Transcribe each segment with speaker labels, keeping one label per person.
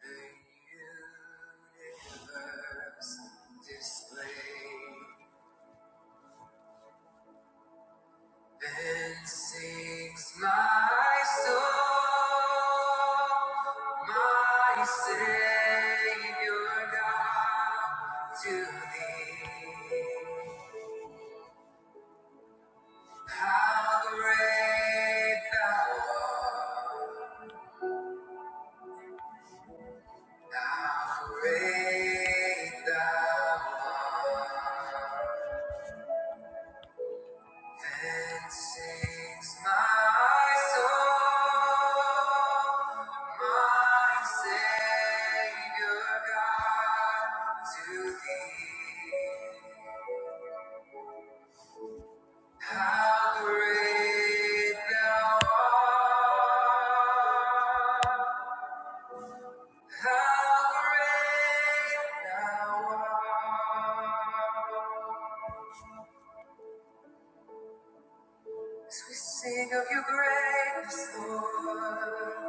Speaker 1: The universe displayed and sings my soul, my Savior God, to thee. How great thou art, how great thou art. Then sings my soul, my Savior God, to Thee. How great Thou art! How great Thou art! As we sing of Your greatness, Lord.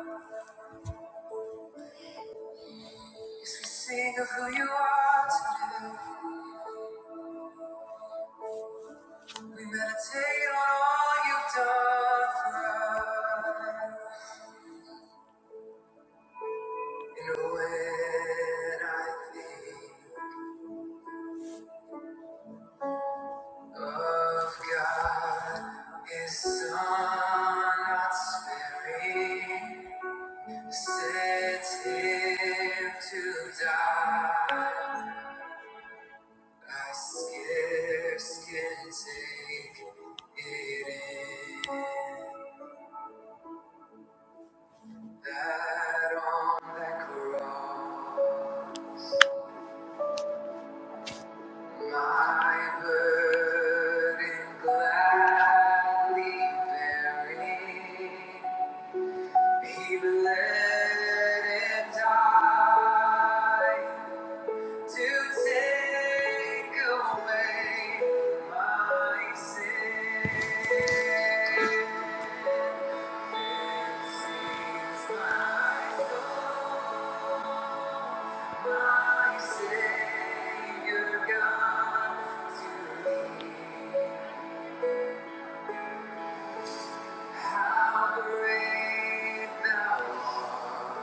Speaker 1: As we sing of who you are today, we meditate on all you've done for us. And when I think of God, His Son, not sparing, sent Him to die, I scarce can take it in. That on that cross, my burden gladly bearing, He bled and died to take away my sin. How great thou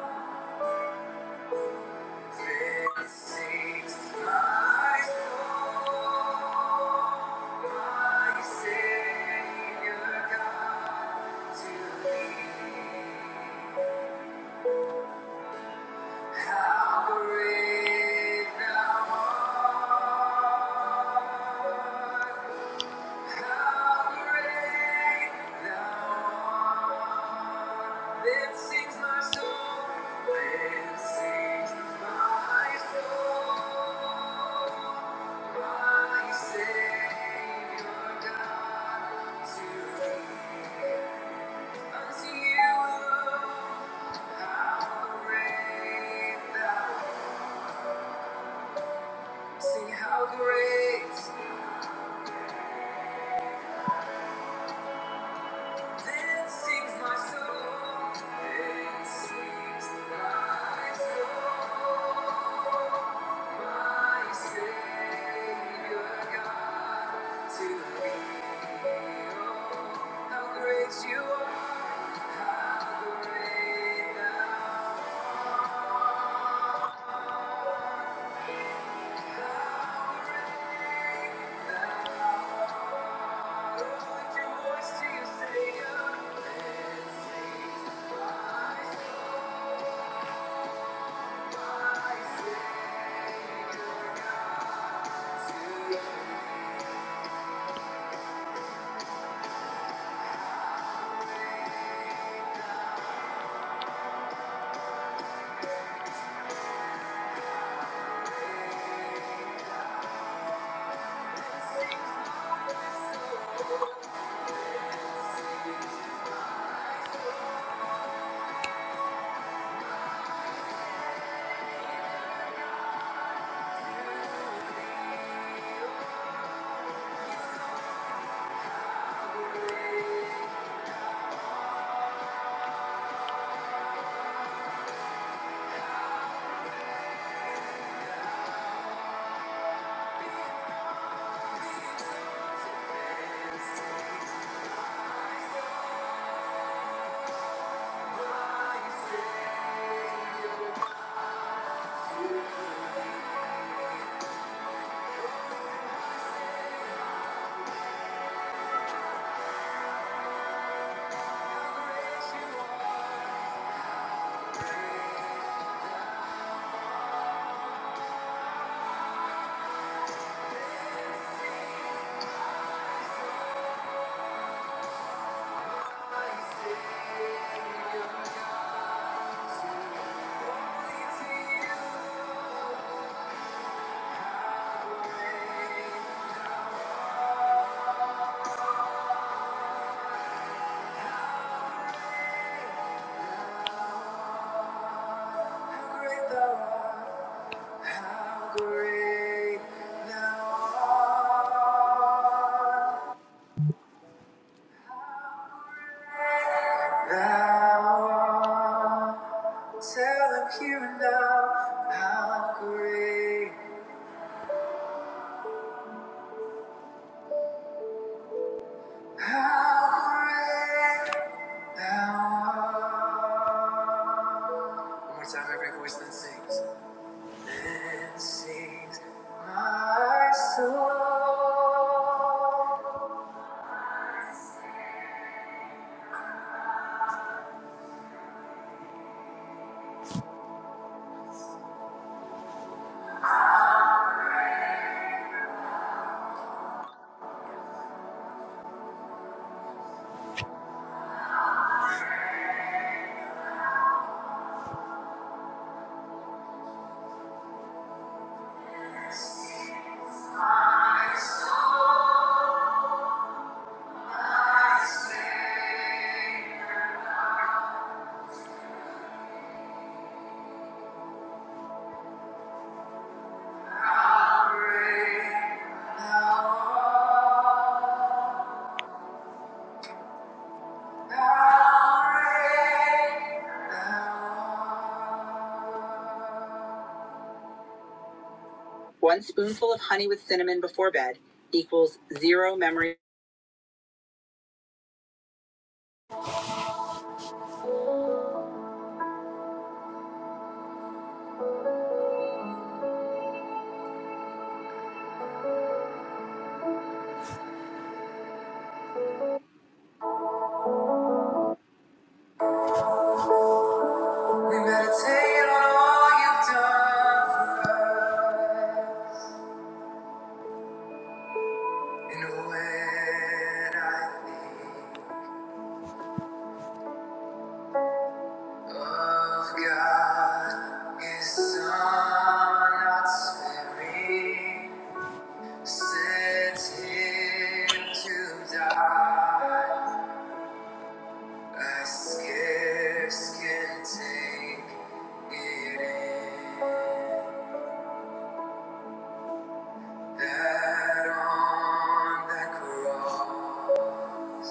Speaker 1: art. Thank you. Sing how great Then sings my soul. Then sings my soul. My Savior God, to thee, oh, how great You are, how great Thou art. Oh, lift your voice to your Savior. Then sings my soul, my Savior God. Thank you. Tell him here and now how great, how great. Now, one more time, every voice then sings. Then sings my soul. My soul, my Savior, how great thou art. How great thou art. One spoonful of honey with cinnamon before bed equals zero memory. We meditate on all you've done for us. And when I think of God, His Son, not sparing, sent Him to die, I scarce can take it in. That on that cross,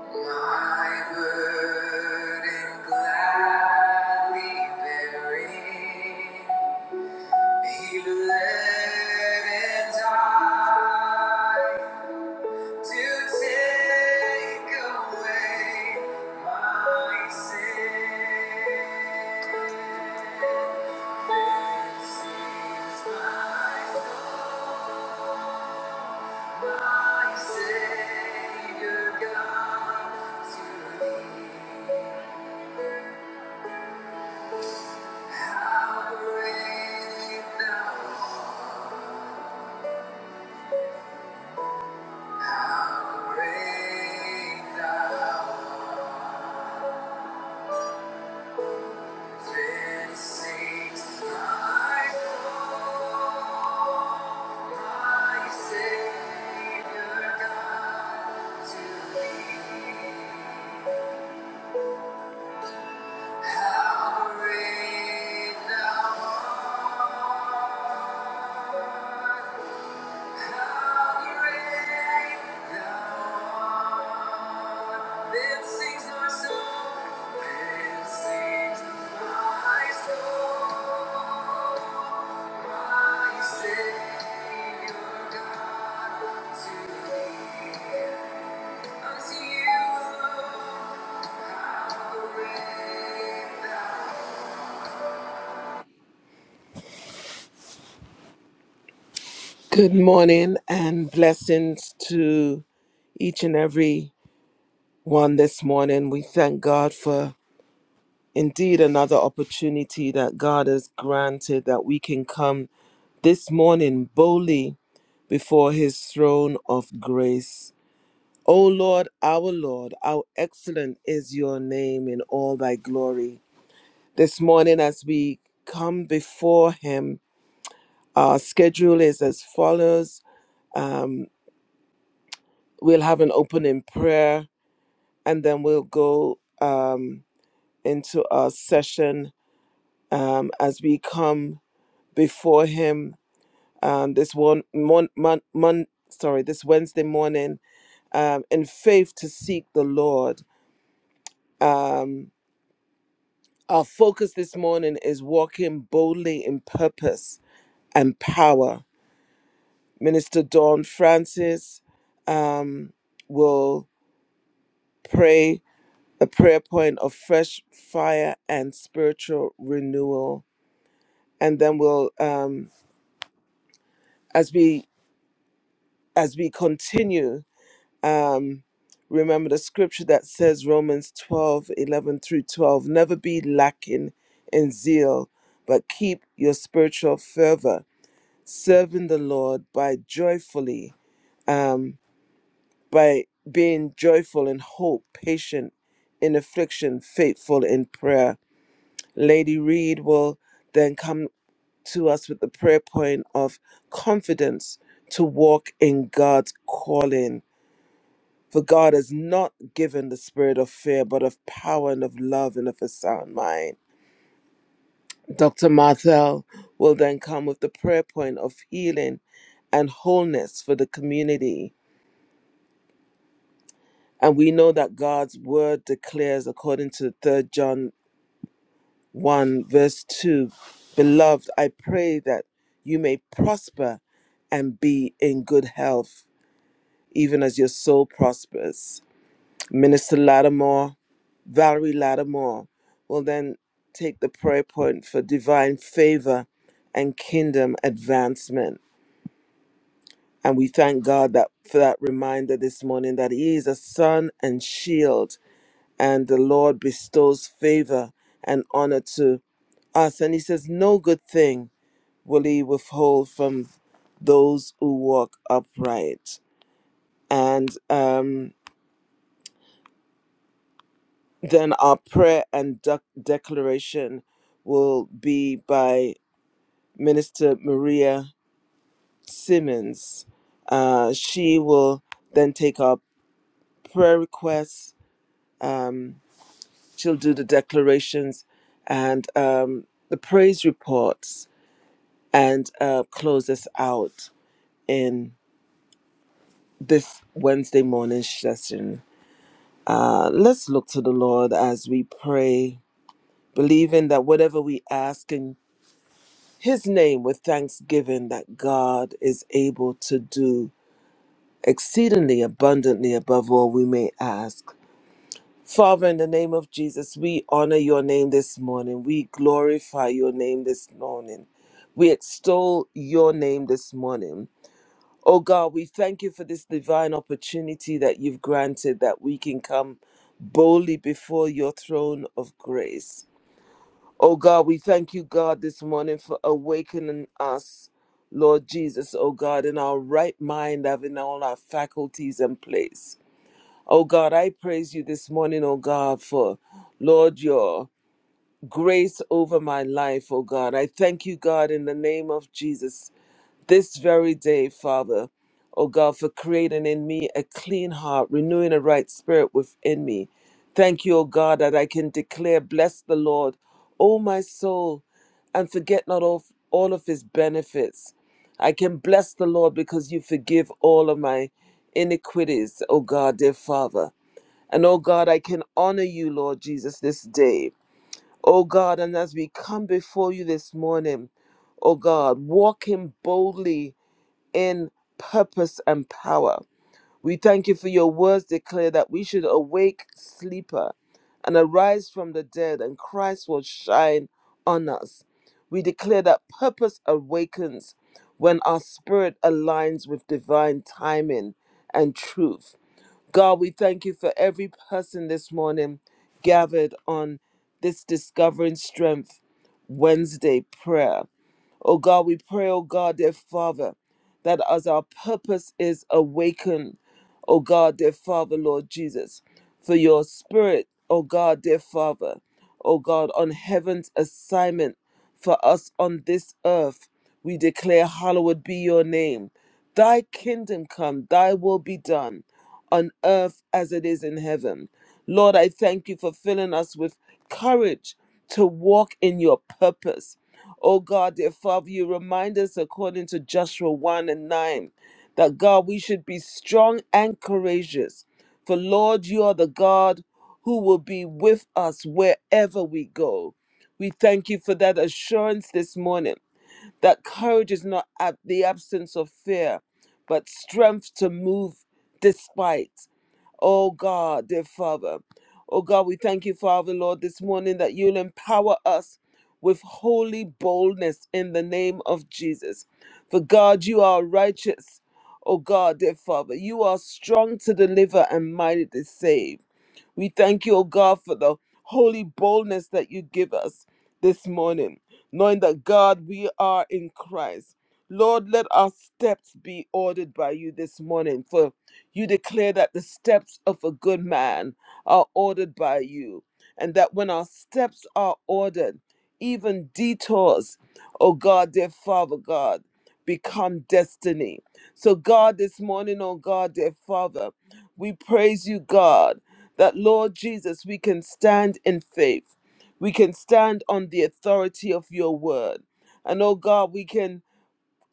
Speaker 1: my burden gladly bearing, He bled and died to take away my sin. This is my story. My Savior God, to thee, how great thou art, how great thou art, then sings my soul. My Savior God, to thee. Unto you, How great thou art. Thank you. Good morning and blessings to each and every one this morning. We thank God for indeed another opportunity that God has granted that we can come this morning boldly before his throne of grace. O Lord, our Lord, how excellent is your name in all thy glory. This morning, as we come before him, our schedule is as follows. Um, we'll have an opening prayer and then we'll go um, into our session um, as we come before Him um, this one mon, mon, mon, sorry this Wednesday morning um, in faith to seek the Lord. Um, our focus this morning is walking boldly in purpose and power. Minister Dawn Francis um, will pray a prayer point of fresh fire and spiritual renewal and then we'll um as we as we continue um remember the scripture that says romans 12 11 through 12 never be lacking in zeal but keep your spiritual fervor serving the lord by joyfully um by being joyful in hope patient in affliction faithful in prayer lady reed will then come to us with the prayer point of confidence to walk in God's calling. For God has not given the spirit of fear, but of power and of love and of a sound mind. Dr. Marthel will then come with the prayer point of healing and wholeness for the community. And we know that God's word declares, according to Third John 1, verse 2, Beloved, I pray that you may prosper and be in good health even as your soul prospers. Minister Lattimore, Valerie Lattimore, will then take the prayer point for divine favor and kingdom advancement. And we thank God that for that reminder this morning that He is a sun and shield, and the Lord bestows favor and honor to us. And He says, No good thing will He withhold from those who walk upright. And um, Then our prayer and dec- declaration will be by Minister Maria Simmons. Uh, she will then take our prayer requests. Um, she'll do the declarations and um, the praise reports and uh, close us out in this Wednesday morning session. Uh, let's look to the Lord as we pray, believing that whatever we ask and his name with thanksgiving that God is able to do exceedingly abundantly above all we may ask. Father, in the name of Jesus, we honor your name this morning. We glorify your name this morning. We extol your name this morning. Oh God, we thank you for this divine opportunity that you've granted that we can come boldly before your throne of grace. Oh God, we thank you, God, this morning for awakening us, Lord Jesus, oh God, in our right mind, having all our faculties in place. Oh God, I praise you this morning, oh God, for Lord, your grace over my life, oh God. I thank you, God, in the name of Jesus this very day, Father, O God, for creating in me a clean heart, renewing a right spirit within me. Thank you, O God, that I can declare, Bless the Lord, O my soul, and forget not all, all of his benefits. I can bless the Lord because you forgive all of my iniquities, O God, dear Father. And O God, I can honor you, Lord Jesus, this day. O God, and as we come before you this morning, O God, walking boldly in purpose and power. We thank you for your words declare that we should awake sleeper and arise from the dead, and Christ will shine on us. We declare that purpose awakens when our spirit aligns with divine timing and truth. God, we thank you for every person this morning gathered on this Discovering Strength Wednesday prayer. Oh God, we pray, oh God, dear Father, that as our purpose is awakened, oh God, dear Father, Lord Jesus, for your spirit, oh God, dear Father, oh God, on heaven's assignment for us on this earth, we declare, Hallowed be your name. Thy kingdom come, thy will be done on earth as it is in heaven. Lord, I thank you for filling us with courage to walk in your purpose. Oh God, dear Father, you remind us according to Joshua 1 and 9 that God, we should be strong and courageous. For Lord, you are the God who will be with us wherever we go. We thank you for that assurance this morning that courage is not ab- the absence of fear, but strength to move despite. Oh God, dear Father. Oh God, we thank you, Father, Lord, this morning that you'll empower us with holy boldness in the name of Jesus. For God, you are righteous. Oh God, dear Father, you are strong to deliver and mighty to save. We thank you, O God, for the holy boldness that you give us this morning, knowing that, God, we are in Christ. Lord, let our steps be ordered by you this morning, for you declare that the steps of a good man are ordered by you, and that when our steps are ordered, even detours, oh God, dear Father God, become destiny. So, God, this morning, oh God, dear Father, we praise you, God that, Lord Jesus, we can stand in faith. We can stand on the authority of your word. And oh God, we can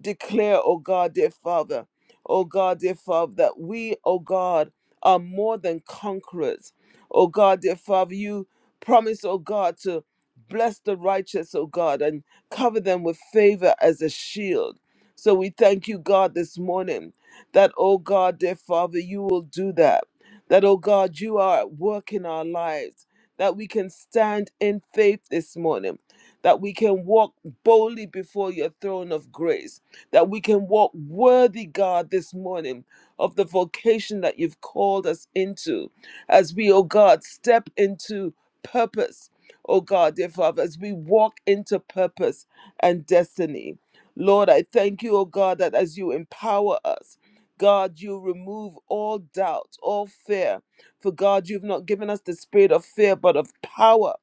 Speaker 1: declare, oh God, dear Father, oh God, dear Father, that we, oh God, are more than conquerors. Oh God, dear Father, you promise, oh God, to bless the righteous, oh God, and cover them with favor as a shield. So we thank you, God, this morning that, oh God, dear Father, you will do that. That, oh God, you are at work in our lives, that we can stand in faith this morning, that we can walk boldly before your throne of grace that we can walk worthy, God, this morning of the vocation that you've called us into as we, oh God, step into purpose. Oh God, dear Father, as we walk into purpose and destiny. Lord, I thank you, oh God, that as you empower us, God, you remove all doubt, all fear. For God, you've not given us the spirit of fear, but of power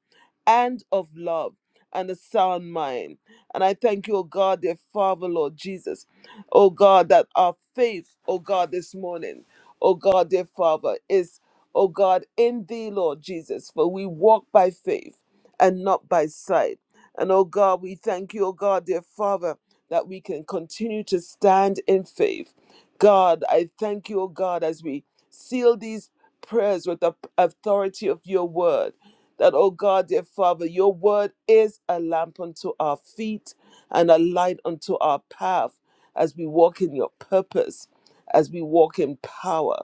Speaker 1: and of love and a sound mind. And I thank you, O God, dear Father, Lord Jesus. O God, that our faith, O God, this morning, O God, dear Father, is, O God, in thee, Lord Jesus. For we walk by faith and not by sight. And O God, we thank you, O God, dear Father, that we can continue to stand in faith. God, I thank you, O God, as we seal these prayers with the authority of your word that, oh God, dear Father, your word is a lamp unto our feet and a light unto our path as we walk in your purpose, as we walk in power.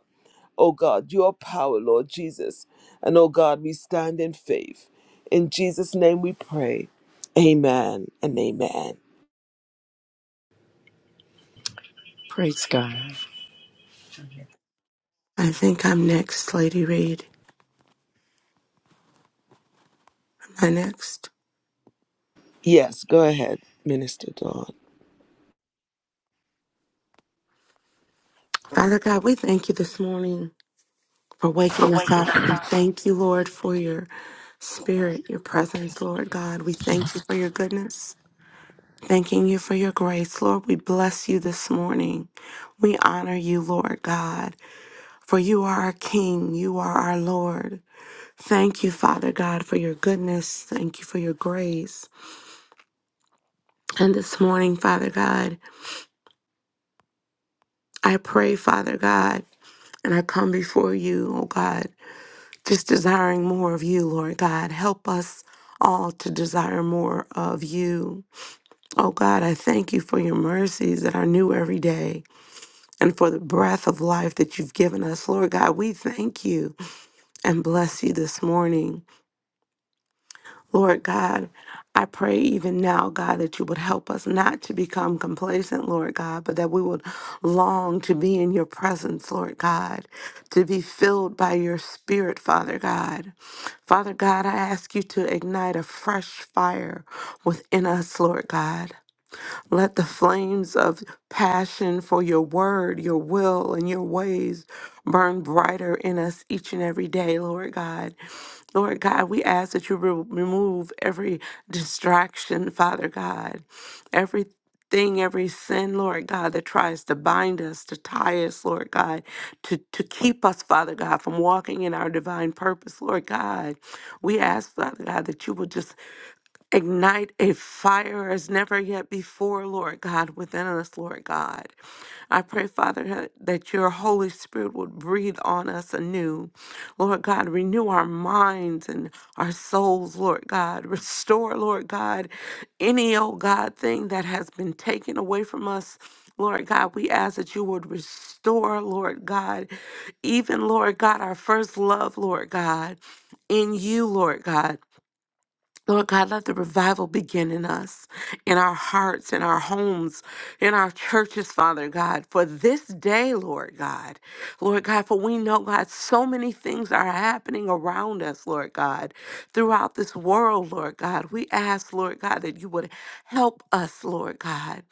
Speaker 1: Oh God, your power, Lord Jesus. And oh God, we stand in faith. In Jesus' name we pray. Amen and amen.
Speaker 2: Praise God.
Speaker 3: I think I'm next, Lady Reed. Am I next?
Speaker 1: Yes, go ahead, Minister Dawn.
Speaker 3: Father God, we thank you this morning for waking us
Speaker 4: awaken
Speaker 3: up
Speaker 4: us up.
Speaker 3: and thank you, Lord, for your spirit, your presence, Lord God. We thank you for your goodness. Thanking you for your grace, Lord. We bless you this morning. We honor you, Lord God, for you are our King. You are our Lord. Thank you, Father God, for your goodness. Thank you for your grace. And this morning, Father God, I pray, Father God. And I come before you, oh God, just desiring more of you, Lord God. Help us all to desire more of you. Oh God, I thank you for your mercies that are new every day and for the breath of life that you've given us. Lord God, we thank you and bless you this morning. Lord God, I pray even now, God, that you would help us not to become complacent, Lord God, but that we would long to be in your presence, Lord God, to be filled by your spirit, Father God. Father God, I ask you to ignite a fresh fire within us, Lord God. Let the flames of passion for your word, your will, and your ways burn brighter in us each and every day, Lord God. Lord God, we ask that you re- remove every distraction, Father God, everything, every sin, Lord God, that tries to bind us, to tie us, Lord God, to, to keep us, Father God, from walking in our divine purpose, Lord God. We ask, Father God, that you will just Ignite a fire as never yet before, Lord God, within us, Lord God. I pray, Father, ha- that your Holy Spirit would breathe on us anew. Lord God, renew our minds and our souls, Lord God. Restore, Lord God, any, oh God, thing that has been taken away from us. Lord God, we ask that you would restore, Lord God, even, Lord God, our first love, Lord God, in you, Lord God. Lord God, let the revival begin in us, in our hearts, in our homes, in our churches, Father God, for this day, Lord God. Lord God, for we know, God, so many things are happening around us, Lord God, throughout this world, Lord God. We ask, Lord God, that you would help us, Lord God.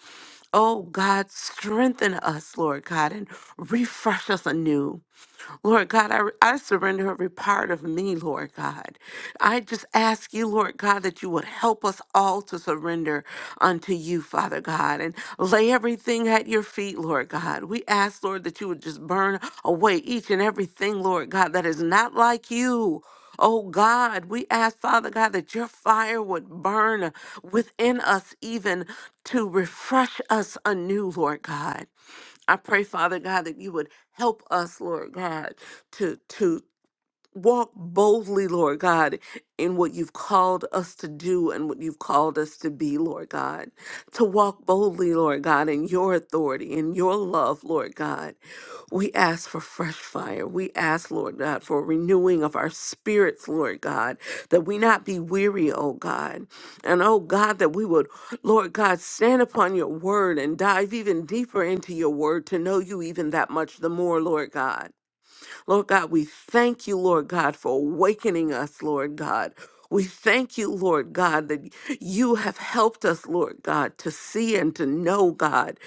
Speaker 3: Oh, God, strengthen us, Lord God, and refresh us anew. Lord God, I, I surrender every part of me, Lord God. I just ask you, Lord God, that you would help us all to surrender unto you, Father God, and lay everything at your feet, Lord God. We ask, Lord, that you would just burn away each and everything, Lord God, that is not like you. Oh God, we ask, Father God, that your fire would burn within us, even to refresh us anew, Lord God. I pray, Father God, that you would help us, Lord God, to to walk boldly, Lord God, in what you've called us to do and what you've called us to be, Lord God. To walk boldly, Lord God, in your authority, in your love, Lord God. We ask for fresh fire. We ask, Lord God, for a renewing of our spirits, Lord God, that we not be weary, oh God. And oh God, that we would, Lord God, stand upon your word and dive even deeper into your word to know you even that much the more, Lord God. Lord God, we thank you, Lord God, for awakening us, Lord God. We thank you, Lord God, that you have helped us, Lord God, to see and to know, God,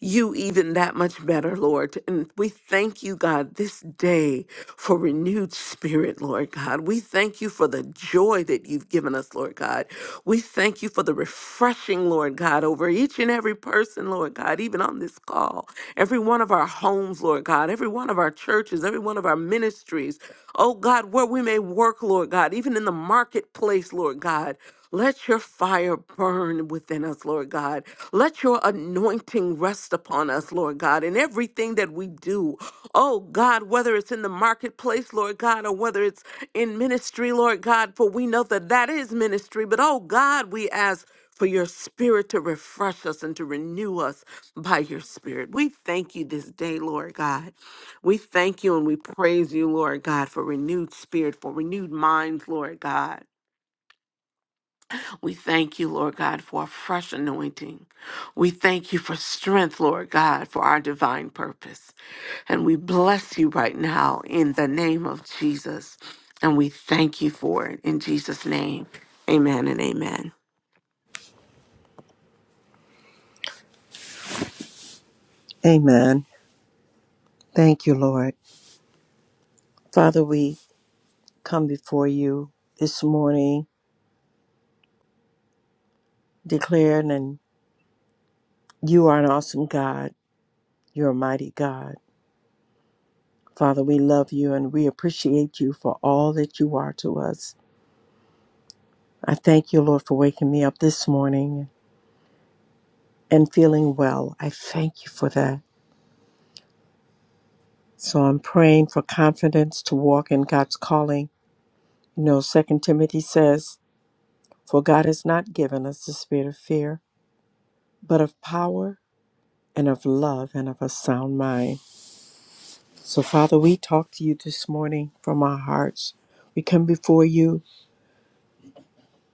Speaker 3: you even that much better, Lord. And we thank you, God, this day for renewed spirit, Lord God. We thank you for the joy that you've given us, Lord God. We thank you for the refreshing, Lord God, over each and every person, Lord God, even on this call, every one of our homes, Lord God, every one of our churches, every one of our ministries, oh God, where we may work, Lord God, even in the marketplace marketplace, Lord God. Let your fire burn within us, Lord God. Let your anointing rest upon us, Lord God, in everything that we do. Oh God, whether it's in the marketplace, Lord God, or whether it's in ministry, Lord God, for we know that that is ministry. But oh God, we ask for your spirit to refresh us and to renew us by your spirit. We thank you this day, Lord God. We thank you and we praise you, Lord God, for renewed spirit, for renewed minds, Lord God. We thank you, Lord God, for a fresh anointing. We thank you for strength, Lord God, for our divine purpose. And we bless you right now in the name of Jesus. And we thank you for it in Jesus' name. Amen and amen.
Speaker 2: Amen. Thank you, Lord. Father, we come before you this morning declaring and you are an awesome God. You're a mighty God. Father, we love you and we appreciate you for all that you are to us. I thank you, Lord, for waking me up this morning and feeling well. I thank you for that. So I'm praying for confidence to walk in God's calling. You know, 2 Timothy says, For God has not given us the spirit of fear, but of power and of love and of a sound mind. So, Father, we talk to you this morning from our hearts. We come before you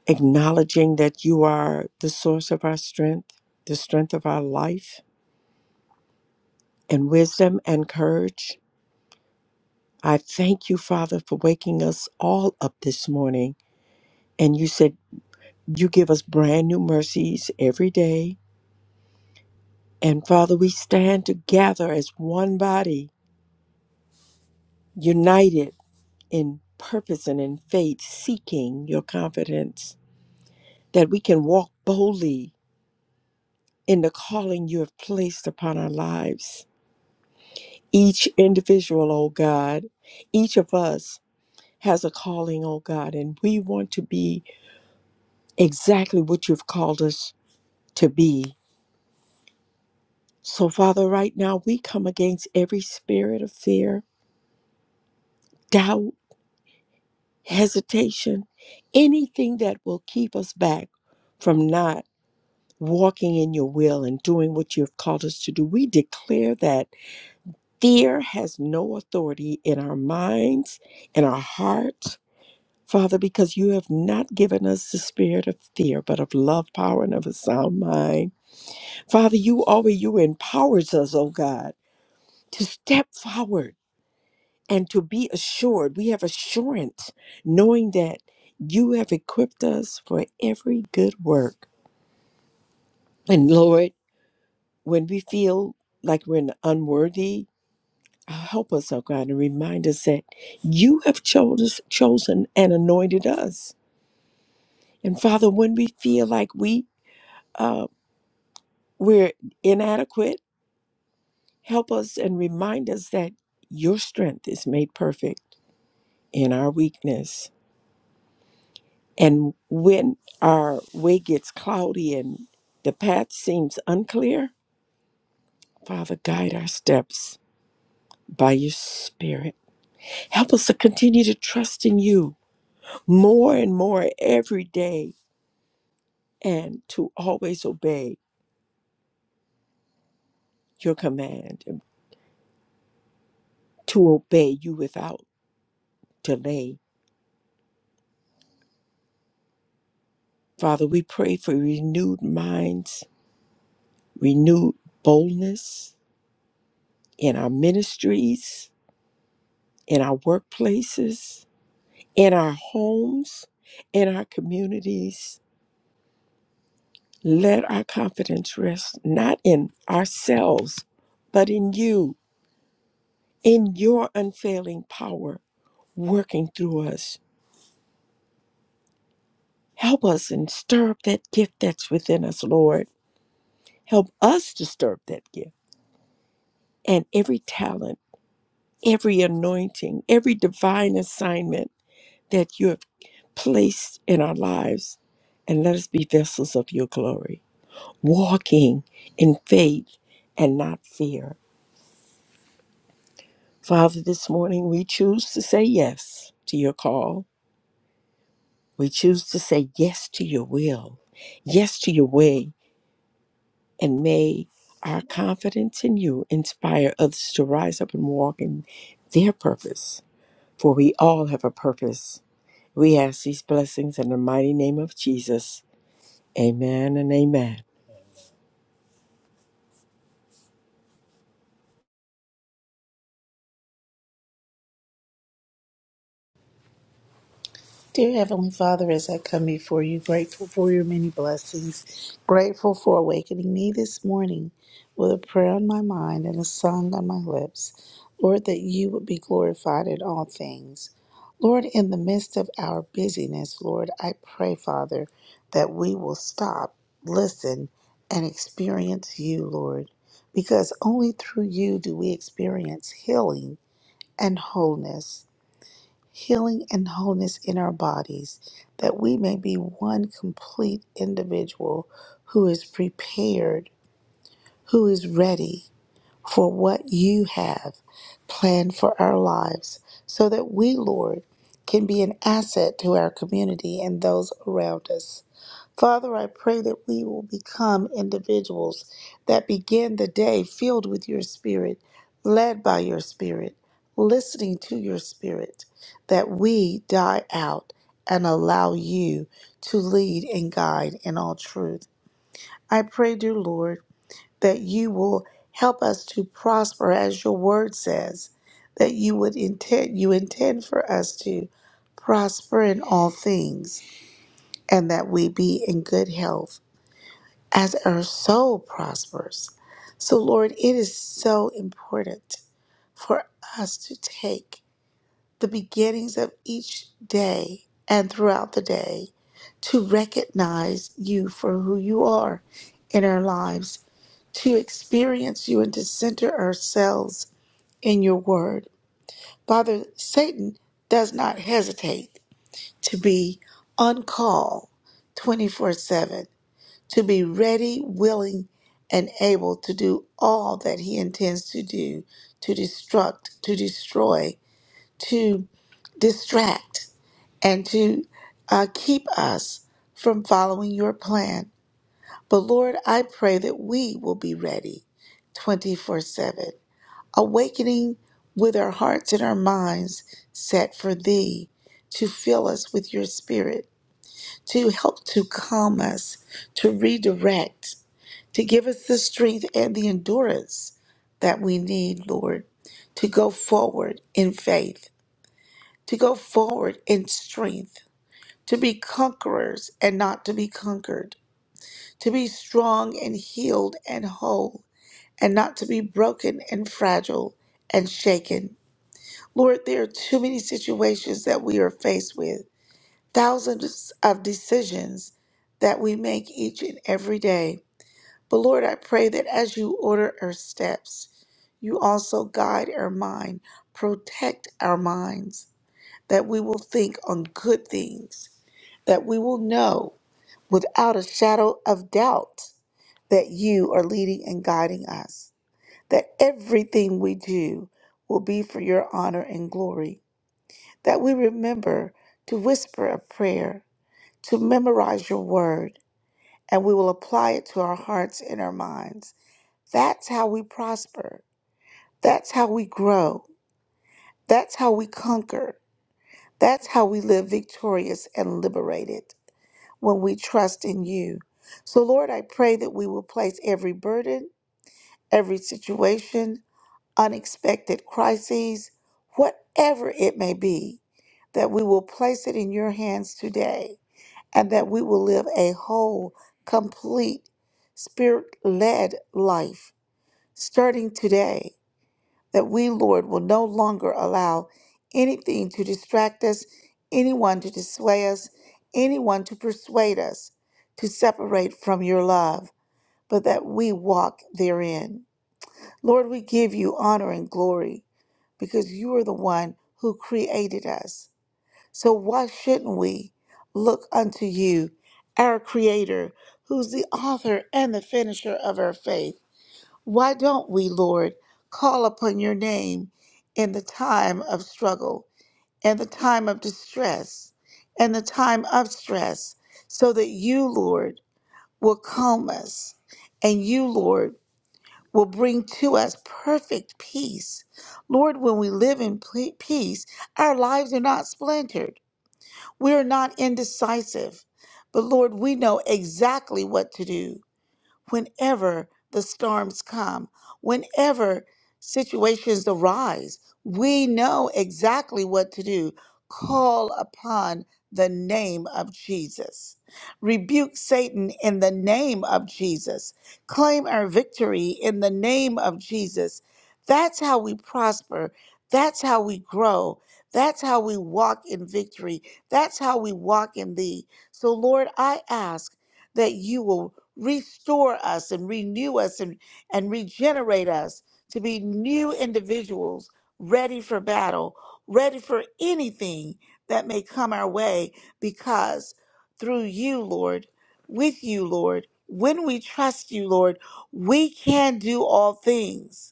Speaker 2: acknowledging that you are the source of our strength, the strength of our life, and wisdom and courage. I thank you, Father, for waking us all up this morning. And you said you give us brand new mercies every day. And Father, we stand together as one body, united in purpose and in faith, seeking your confidence, that we can walk boldly in the calling you have placed upon our lives. Each individual, oh God, each of us has a calling, oh God, and we want to be exactly what you've called us to be. So, Father, right now we come against every spirit of fear, doubt, hesitation, anything that will keep us back from not walking in your will and doing what you have called us to do. We declare that fear has no authority in our minds, in our hearts, Father, because you have not given us the spirit of fear, but of love, power, and of a sound mind. Father, you always you empowers us, oh God, to step forward and to be assured. We have assurance, knowing that you have equipped us for every good work. And Lord, when we feel like we're unworthy, help us, oh God, and remind us that you have chose chosen and anointed us. And Father, when we feel like we uh, we're inadequate, help us and remind us that your strength is made perfect in our weakness. And when our way gets cloudy and the path seems unclear, Father, guide our steps by your Spirit. Help us to continue to trust in you more and more every day and to always obey your command and to obey you without delay. Father, we pray for renewed minds, renewed boldness in our ministries, in our workplaces, in our homes, in our communities. Let our confidence rest not in ourselves, but in you, in your unfailing power working through us Help us and stir up that gift that's within us, Lord. Help us to stir up that gift and every talent, every anointing, every divine assignment that you have placed in our lives. And let us be vessels of your glory, walking in faith and not fear. Father, this morning we choose to say yes to your call. We choose to say yes to your will, yes to your way, and may our confidence in you inspire others to rise up and walk in their purpose. For we all have a purpose. We ask these blessings in the mighty name of Jesus. Amen and amen.
Speaker 5: Dear Heavenly Father, as I come before you, grateful for your many blessings, grateful for awakening me this morning with a prayer on my mind and a song on my lips. Lord, that you would be glorified in all things. Lord, in the midst of our busyness, Lord, I pray, Father, that we will stop, listen, and experience you, Lord, because only through you do we experience healing and wholeness healing and wholeness in our bodies, that we may be one complete individual who is prepared, who is ready for what you have planned for our lives, so that we, Lord, can be an asset to our community and those around us. Father, I pray that we will become individuals that begin the day filled with your spirit, led by your spirit, listening to your spirit, that we die out and allow you to lead and guide in all truth. I pray, dear Lord, that you will help us to prosper as your word says, that you would intend you intend for us to prosper in all things and that we be in good health as our soul prospers. So, Lord, it is so important for us to take the beginnings of each day and throughout the day to recognize you for who you are in our lives, to experience you and to center ourselves in your word. Father, Satan does not hesitate to be on call 24 7 to be ready, willing, and able to do all that he intends to do to destruct, to destroy, to distract, and to uh, keep us from following your plan. But Lord, I pray that we will be ready 24 7, awakening with our hearts and our minds set for thee to fill us with your spirit, to help to calm us, to redirect to give us the strength and the endurance that we need, Lord, to go forward in faith, to go forward in strength, to be conquerors and not to be conquered, to be strong and healed and whole, and not to be broken and fragile and shaken. Lord, there are too many situations that we are faced with, thousands of decisions that we make each and every day. But Lord, I pray that as you order our steps, you also guide our mind, protect our minds, that we will think on good things, that we will know without a shadow of doubt that you are leading and guiding us, that everything we do will be for your honor and glory, that we remember to whisper a prayer, to memorize your word, and we will apply it to our hearts and our minds that's how we prosper. That's how we grow. That's how we conquer. That's how we live victorious and liberated when we trust in you. So, Lord, I pray that we will place every burden, every situation, unexpected crises, whatever it may be, that we will place it in your hands today and that we will live a whole, complete, spirit led life starting today that we, Lord, will no longer allow anything to distract us, anyone to dissuade us, anyone to persuade us to separate from your love, but that we walk therein. Lord, we give you honor and glory because you are the one who created us. So why shouldn't we look unto you, our creator, who's the author and the finisher of our faith? Why don't we, Lord, call upon your name in the time of struggle, in the time of distress, in the time of stress, so that you, Lord, will calm us and you, Lord, will bring to us perfect peace. Lord, when we live in ple- peace, our lives are not splintered. We are not indecisive. But Lord, we know exactly what to do whenever the storms come, whenever situations arise, we know exactly what to do. Call upon the name of Jesus. Rebuke Satan in the name of Jesus. Claim our victory in the name of Jesus. That's how we prosper. That's how we grow. That's how we walk in victory. That's how we walk in thee. So, Lord, I ask that you will restore us and renew us and, and regenerate us to be new individuals ready for battle, ready for anything that may come our way, because through you, Lord, with you, Lord, when we trust you, Lord, we can do all things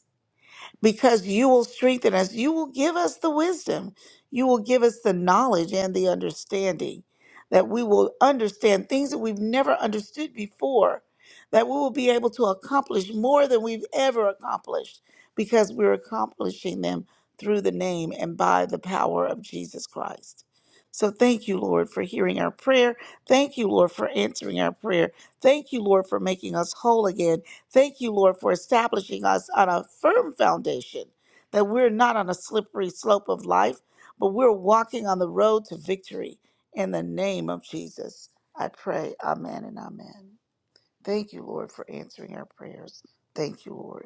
Speaker 5: because you will strengthen us. You will give us the wisdom. You will give us the knowledge and the understanding that we will understand things that we've never understood before, that we will be able to accomplish more than we've ever accomplished because we're accomplishing them through the name and by the power of Jesus Christ. So thank you, Lord, for hearing our prayer. Thank you, Lord, for answering our prayer. Thank you, Lord, for making us whole again Thank you, Lord, for establishing us on a firm foundation, that we're not on a slippery slope of life, but we're walking on the road to victory. In the name of Jesus, I pray. Amen and amen. Thank you, Lord, for answering our prayers. Thank you, Lord.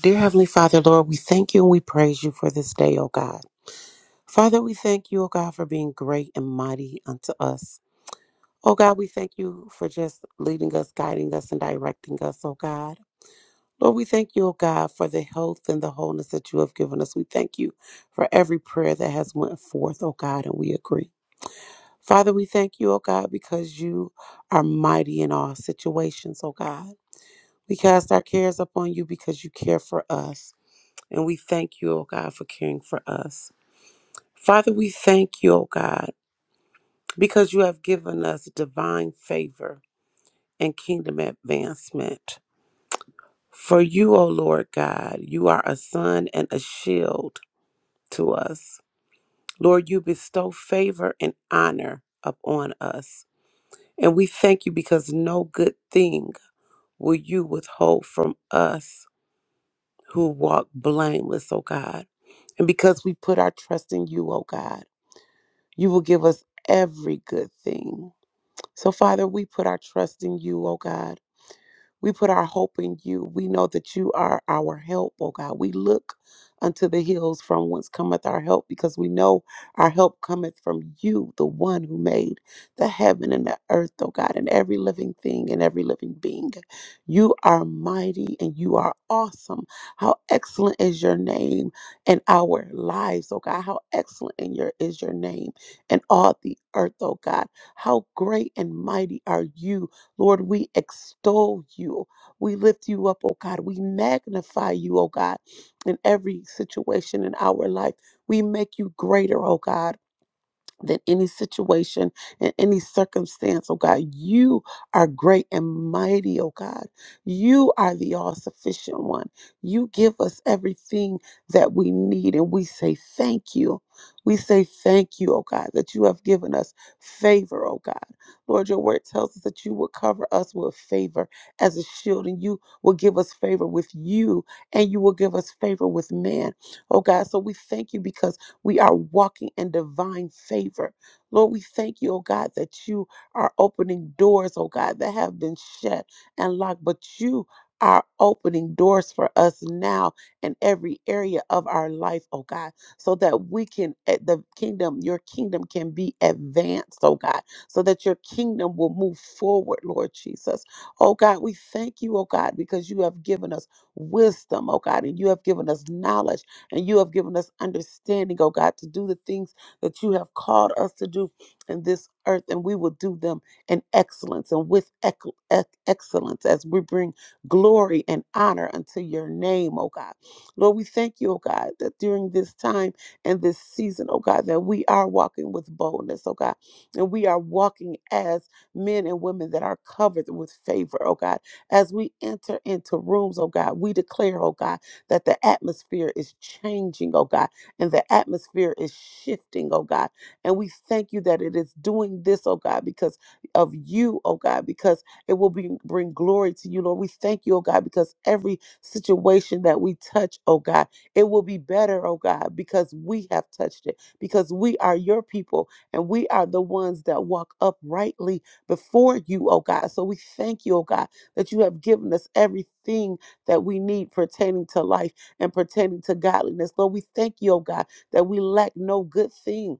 Speaker 6: Dear Heavenly Father, Lord, we thank you and we praise you for this day, O God. Father, we thank you, O God, for being great and mighty unto us. O God, we thank you for just leading us, guiding us, and directing us, O God. Lord, we thank you, O God, for the health and the wholeness that you have given us. We thank you for every prayer that has went forth, O God, and we agree. Father, we thank you, O God, because you are mighty in all situations, O God. We cast our cares upon you because you care for us. And we thank you, O God, for caring for us. Father, we thank you, O God, because you have given us divine favor and kingdom advancement. For you, O Lord God, you are a sun and a shield to us. Lord, you bestow favor and honor upon us. And we thank you because no good thing will you withhold from us who walk blameless, O God. And because we put our trust in you, O God. You will give us every good thing. So, Father, we put our trust in you, oh God. We put our hope in you. We know that you are our help, oh God. We look unto the hills from whence cometh our help because we know our help cometh from you, the one who made the heaven and the earth, oh God, and every living thing and every living being. You are mighty and you are awesome. How excellent is your name in our lives, oh God. How excellent in your is your name in all the earth, oh God. How great and mighty are you Lord, we extol you. We lift you up, oh God. We magnify you, oh God, in every situation in our life. We make you greater, oh God than any situation and any circumstance, oh God. You are great and mighty, oh God. You are the all sufficient one. You give us everything that we need, and we say thank you. We say thank you, oh God, that you have given us favor, oh God. Lord, your word tells us that you will cover us with favor as a shield, and you will give us favor with you, and you will give us favor with man, oh God. So we thank you because. We are walking in divine favor. Lord, we thank you, oh God, that you are opening doors, oh God, that have been shut and locked, but you are opening doors for us now in every area of our life, oh God, so that we can, at the kingdom, your kingdom can be advanced, oh God, so that your kingdom will move forward, Lord Jesus. Oh God, we thank you, oh God, because you have given us wisdom, oh God, and you have given us knowledge and you have given us understanding, oh God, to do the things that you have called us to do in this earth. And we will do them in excellence and with ec- ec- excellence as we bring glory and honor unto your name, oh God. Lord, we thank you, oh God, that during this time and this season, oh God, that we are walking with boldness, oh God. And we are walking as men and women that are covered with favor, oh God. As we enter into rooms, oh God, we declare, oh God that the atmosphere is changing, oh God, and the atmosphere is shifting, oh God. And we thank you that it is doing this, oh God, because of you, oh God, because it will be, bring glory to you, Lord. We thank you, oh God, because every situation that we touch, oh God, it will be better, oh God, because we have touched it, because we are your people and we are the ones that walk uprightly before you, oh God. So we thank you, oh God, that you have given us everything that we need pertaining to life and pertaining to godliness. Lord, we thank you, oh God, that we lack no good thing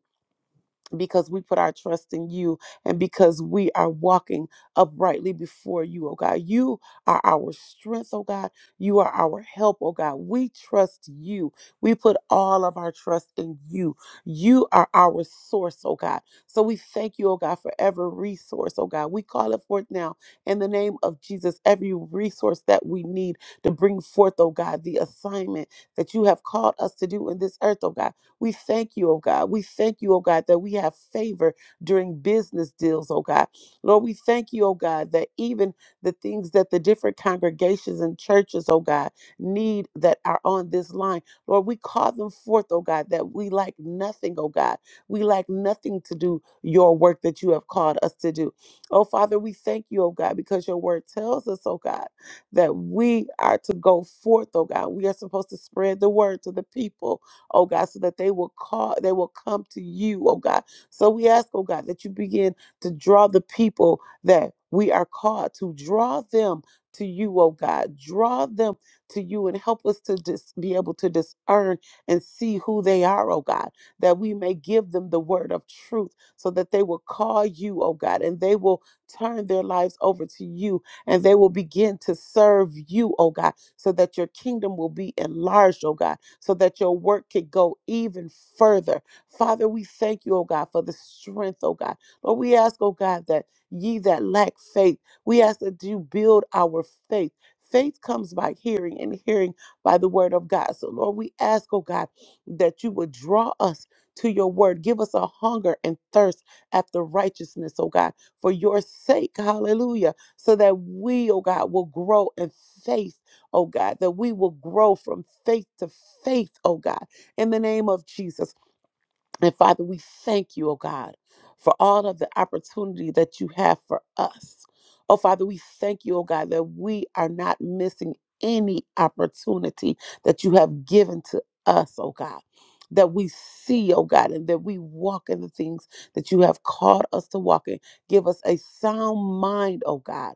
Speaker 6: because we put our trust in you and because we are walking uprightly before you, oh God. You are our strength, oh God. You are our help, oh God. We trust you. We put all of our trust in you. You are our source, oh God. So we thank you, oh God, for every resource, oh God. We call it forth now in the name of Jesus, every resource that we need to bring forth, oh God, the assignment that you have called us to do in this earth, oh God. We thank you, oh God. We thank you, oh God, that we have favor during business deals, oh God. Lord, we thank you, oh God, that even the things that the different congregations and churches, oh God, need that are on this line, Lord, we call them forth, oh God, that we lack nothing, oh God. We lack nothing to do your work that you have called us to do. Oh, Father, we thank you, oh God, because your word tells us, oh God, that we are to go forth, oh God. We are supposed to spread the word to the people oh God, so that they will call, they will come to you, oh God. So we ask, oh God, that you begin to draw the people that we are called to draw them to you, oh God. Draw them to you and help us to just be able to discern and see who they are, oh God, that we may give them the word of truth so that they will call you, oh God, and they will turn their lives over to you and they will begin to serve you, oh God, so that your kingdom will be enlarged, oh God so that your work could go even further. Father, we thank you, oh God, for the strength, oh God. Lord, we ask, oh God, that ye that lack faith, we ask that you build our faith. Faith comes by hearing and hearing by the word of God. So, Lord, we ask, oh God, that you would draw us to your word. Give us a hunger and thirst after righteousness, oh God, for your sake. Hallelujah. So that we, oh God, will grow in faith oh God, that we will grow from faith to faith, oh God, in the name of Jesus. And Father, we thank you, oh God, for all of the opportunity that you have for us. Oh Father, we thank you, oh God, that we are not missing any opportunity that you have given to us, oh God. That we see, oh God, and that we walk in the things that you have called us to walk in. Give us a sound mind, oh God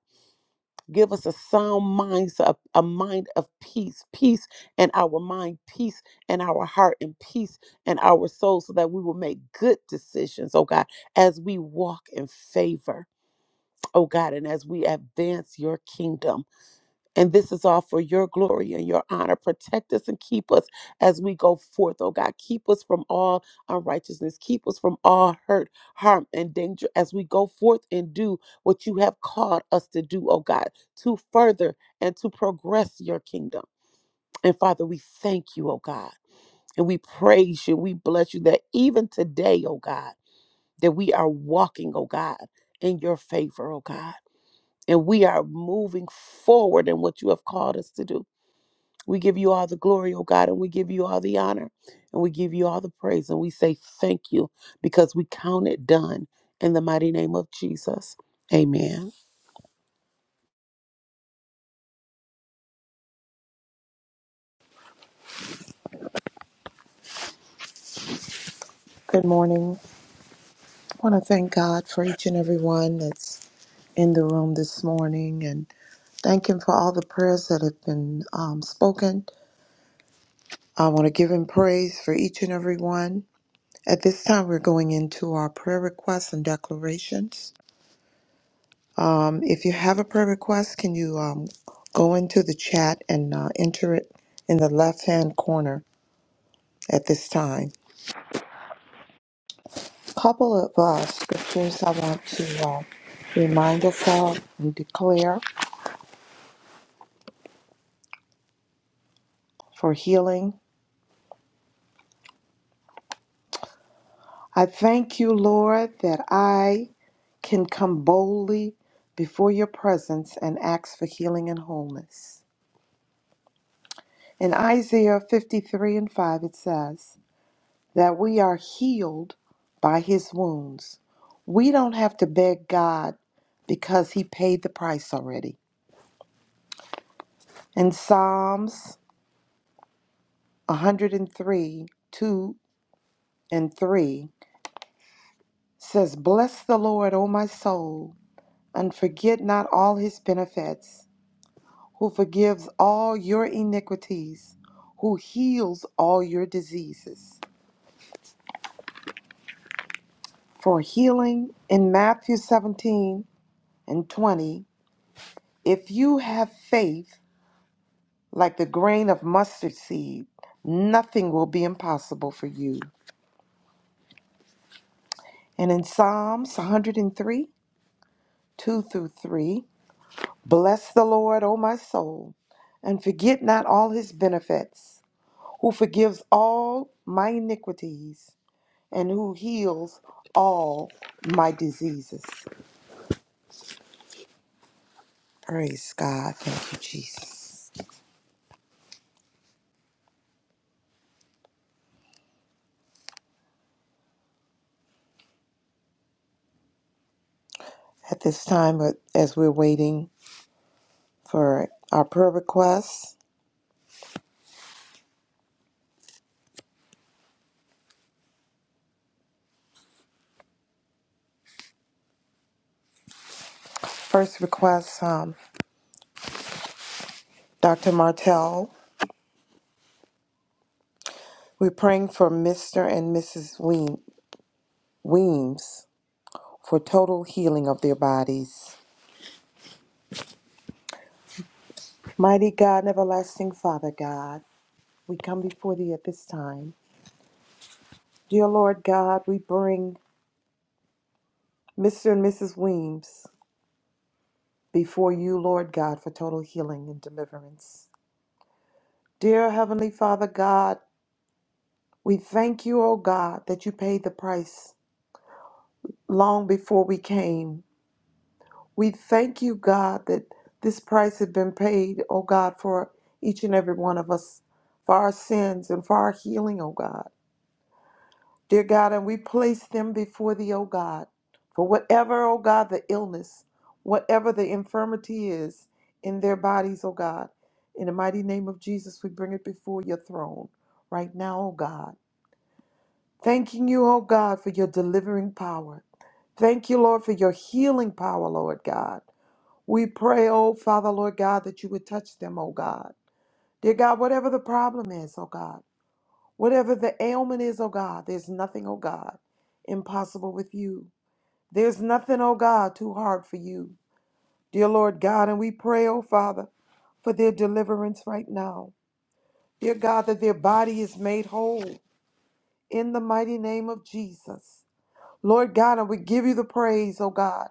Speaker 6: Give us a sound mind, a, a mind of peace, peace in our mind, peace in our heart, and peace in our soul, so that we will make good decisions, oh God, as we walk in favor, oh God, and as we advance your kingdom. And this is all for your glory and your honor. Protect us and keep us as we go forth, oh God. Keep us from all unrighteousness. Keep us from all hurt, harm, and danger as we go forth and do what you have called us to do, oh God, to further and to progress your kingdom. And Father, we thank you, oh God. And we praise you. We bless you that even today, oh God, that we are walking, oh God, in your favor, oh God. And we are moving forward in what you have called us to do. We give you all the glory, oh God, and we give you all the honor and we give you all the praise and we say thank you because we count it done in the mighty name of Jesus. Amen.
Speaker 7: Good morning. I want to thank God for each and every one that's in the room this morning and thank Him for all the prayers that have been um, spoken. I want to give Him praise for each and every one. At this time, we're going into our prayer requests and declarations. Um, if you have a prayer request, can you um, go into the chat and uh, enter it in the left hand corner at this time? A couple of uh, scriptures I want to uh, remind us of uh, and declare. for healing. I thank you, Lord, that I can come boldly before your presence and ask for healing and wholeness. In Isaiah 53 and 5, it says that we are healed by his wounds. We don't have to beg God because he paid the price already. In Psalms 103, 2 and 3 says, Bless the Lord, O my soul, and forget not all his benefits who forgives all your iniquities, who heals all your diseases. For healing in Matthew 17 and 20, if you have faith like the grain of mustard seed, nothing will be impossible for you. And in Psalms 103, 2 through 3, bless the Lord, O my soul, and forget not all his benefits, who forgives all my iniquities and who heals all my diseases. Praise God. Thank you, Jesus. At this time, uh, as we're waiting for our prayer requests, first request, um, Dr. Martell, we're praying for Mr. and Mrs. Weem- Weems for total healing of their bodies. Mighty God and everlasting Father God, we come before thee at this time. Dear Lord God, we bring Mr. and Mrs. Weems before you, Lord God, for total healing and deliverance. Dear Heavenly Father God, we thank you, O God, that you paid the price long before we came. We thank you, God, that this price had been paid, O God, for each and every one of us, for our sins and for our healing, O God. Dear God, and we place them before thee, O God, for whatever, O God, the illness, whatever the infirmity is in their bodies, O God, in the mighty name of Jesus, we bring it before your throne right now, O God. Thanking you, O God, for your delivering power. Thank you, Lord, for your healing power, Lord God. We pray, O Father, Lord God, that you would touch them, O God. Dear God, whatever the problem is, O God. Whatever the ailment is, oh God, there's nothing, oh God, impossible with you. There's nothing, oh God, too hard for you. Dear Lord God, and we pray, oh Father, for their deliverance right now. Dear God, that their body is made whole in the mighty name of Jesus. Lord God, and we give you the praise, oh God,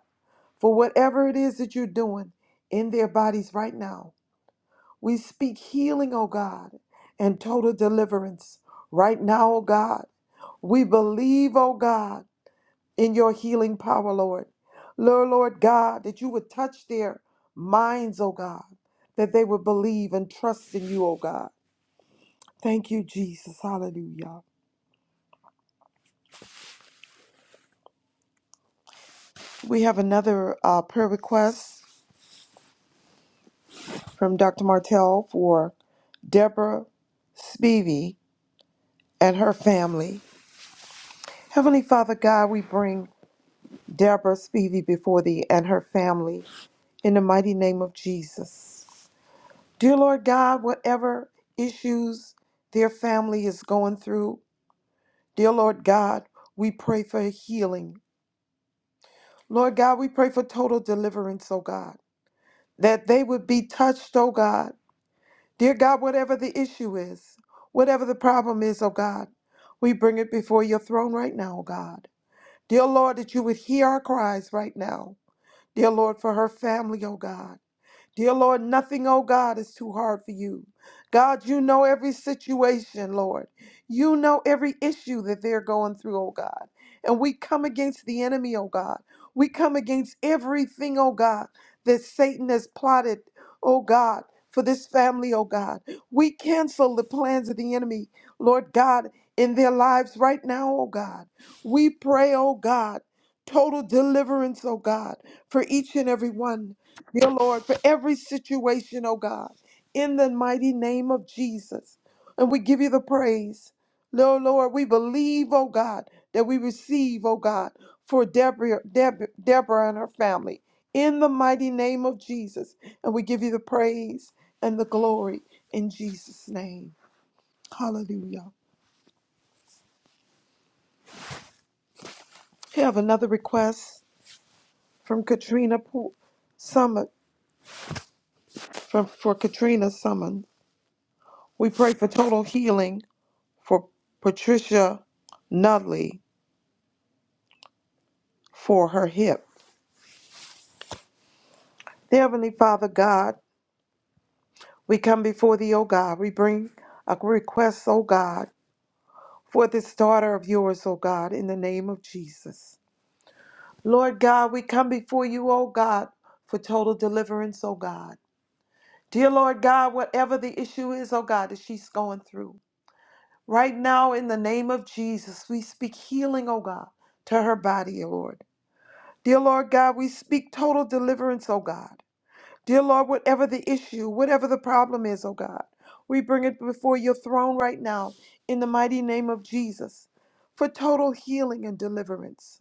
Speaker 7: for whatever it is that you're doing in their bodies right now. We speak healing, oh God, and total deliverance. Right now, oh God, we believe, oh God, in your healing power, Lord. Lord, Lord God, that you would touch their minds, oh God, that they would believe and trust in you, oh God. Thank you, Jesus. Hallelujah. We have another uh, prayer request from Dr. Martell for Deborah Spivey and her family. Heavenly Father God, we bring Deborah Spivey before thee and her family in the mighty name of Jesus. Dear Lord God, whatever issues their family is going through, dear Lord God, we pray for healing. Lord God, we pray for total deliverance, oh God, that they would be touched, oh God. Dear God, whatever the issue is, whatever the problem is, oh God, we bring it before your throne right now, oh God. Dear Lord, that you would hear our cries right now. Dear Lord, for her family, oh God. Dear Lord, nothing, oh God, is too hard for you. God, you know every situation, Lord. You know every issue that they're going through, oh God. And we come against the enemy, oh God. We come against everything, oh God, that Satan has plotted, oh God, for this family, oh God. We cancel the plans of the enemy, Lord God, in their lives right now, oh God. We pray, oh God, total deliverance, oh God, for each and every one dear Lord, for every situation, oh God, in the mighty name of Jesus. And we give you the praise. Lord, Lord, we believe, oh God, that we receive, oh God, for Deborah, Deb, Deborah and her family in the mighty name of Jesus. And we give you the praise and the glory in Jesus' name. Hallelujah. We have another request from Katrina Po- Summit, from, for Katrina Summon. We pray for total healing for Patricia Nutley for her hip. Dear Heavenly Father God, we come before thee, O God. We bring a request, O God, for this daughter of yours, O God, in the name of Jesus. Lord God, we come before you, O God, for total deliverance, O God. Dear Lord God, whatever the issue is, O God, that she's going through. Right now, in the name of Jesus, we speak healing, O God, to her body, O Lord. Dear Lord God, we speak total deliverance, O God. Dear Lord, whatever the issue, whatever the problem is, oh God, we bring it before your throne right now in the mighty name of Jesus for total healing and deliverance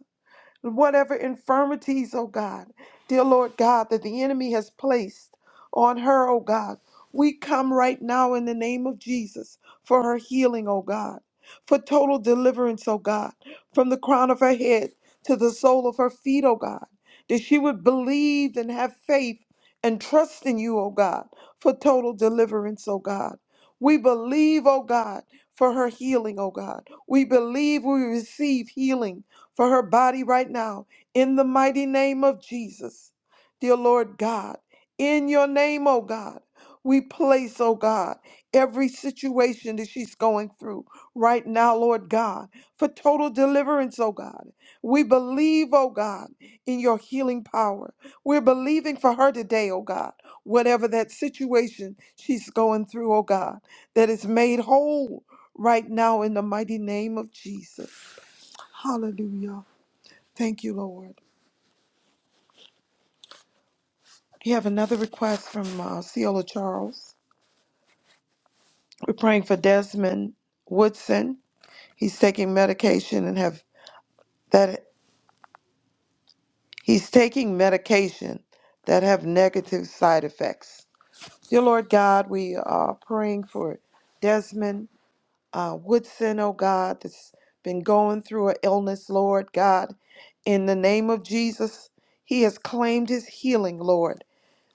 Speaker 7: whatever infirmities, oh God, dear Lord God, that the enemy has placed on her, oh God. We come right now in the name of Jesus for her healing, oh God, for total deliverance, oh God, from the crown of her head to the sole of her feet, oh God, that she would believe and have faith and trust in you, oh God, for total deliverance, oh God. We believe, oh God, for her healing, oh God. We believe we receive healing for her body right now in the mighty name of Jesus. Dear Lord God, in your name, oh God, we place, oh God, every situation that she's going through right now, Lord God, for total deliverance, oh God. We believe, oh God, in your healing power. We're believing for her today, oh God, whatever that situation she's going through, oh God, that is made whole right now in the mighty name of Jesus. Hallelujah. Thank you, Lord. We have another request from uh, Ciola Charles. We're praying for Desmond Woodson. He's taking medication and have that he's taking medication that have negative side effects. Dear Lord God, we are praying for Desmond uh, Woodson, oh God, that's been going through an illness, Lord God. In the name of Jesus, he has claimed his healing, Lord.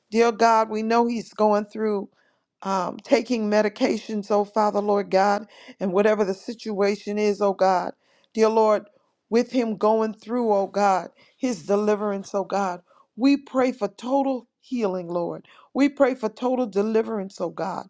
Speaker 7: Dear God, we know he's going through um, taking medications, oh Father, Lord God, and whatever the situation is, oh God. Dear Lord, with him going through, oh God, his deliverance, oh God. We pray for total healing, Lord. We pray for total deliverance, oh God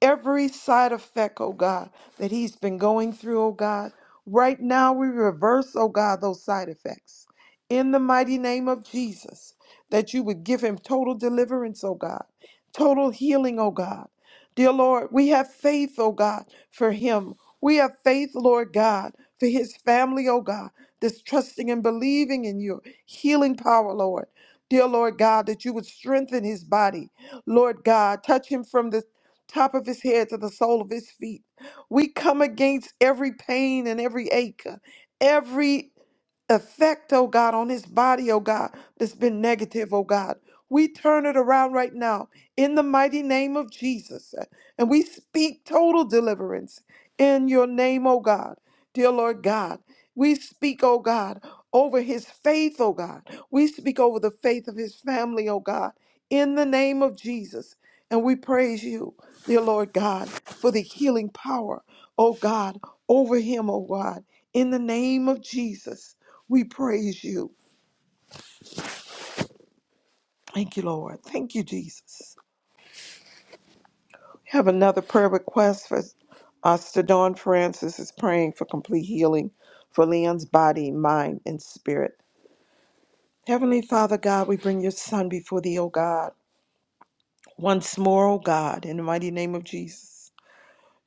Speaker 7: every side effect, oh God, that he's been going through, oh God. Right now, we reverse, oh God, those side effects. In the mighty name of Jesus, that you would give him total deliverance, oh God, total healing, oh God. Dear Lord, we have faith, oh God, for him. We have faith, Lord God, for his family, oh God, that's trusting and believing in your healing power, Lord. Dear Lord God, that you would strengthen his body. Lord God, touch him from the top of his head to the sole of his feet. We come against every pain and every ache, every effect, oh God, on his body, oh God, that's been negative, oh God. We turn it around right now in the mighty name of Jesus. And we speak total deliverance in your name, oh God. Dear Lord God, we speak, oh God, over his faith, oh God. We speak over the faith of his family, oh God, in the name of Jesus. And we praise you dear Lord God, for the healing power, oh God, over him, oh God. In the name of Jesus, we praise you. Thank you, Lord. Thank you, Jesus. We have another prayer request for us. To Dawn Francis is praying for complete healing for Leon's body, mind, and spirit. Heavenly Father God, we bring your son before thee, O God, once more, O God, in the mighty name of Jesus.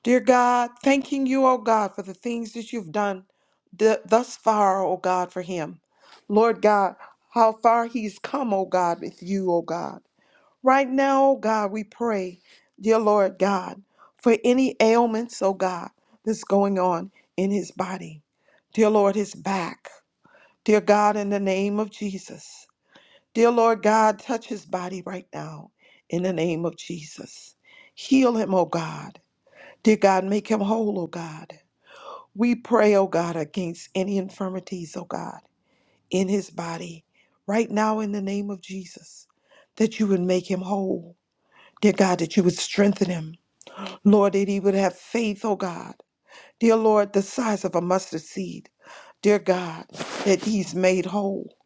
Speaker 7: Dear God, thanking you, O God, for the things that you've done th- thus far, O God, for him. Lord God, how far he's come, O God, with you, O God. Right now, O God, we pray, dear Lord God, for any ailments, O God, that's going on in his body. Dear Lord, his back. Dear God, in the name of Jesus. Dear Lord God, touch his body right now in the name of Jesus. Heal him, O God. Dear God, make him whole, oh God. We pray, oh God, against any infirmities, oh God, in his body, right now in the name of Jesus, that you would make him whole. Dear God, that you would strengthen him. Lord, that he would have faith, oh God. Dear Lord, the size of a mustard seed. Dear God, that he's made whole.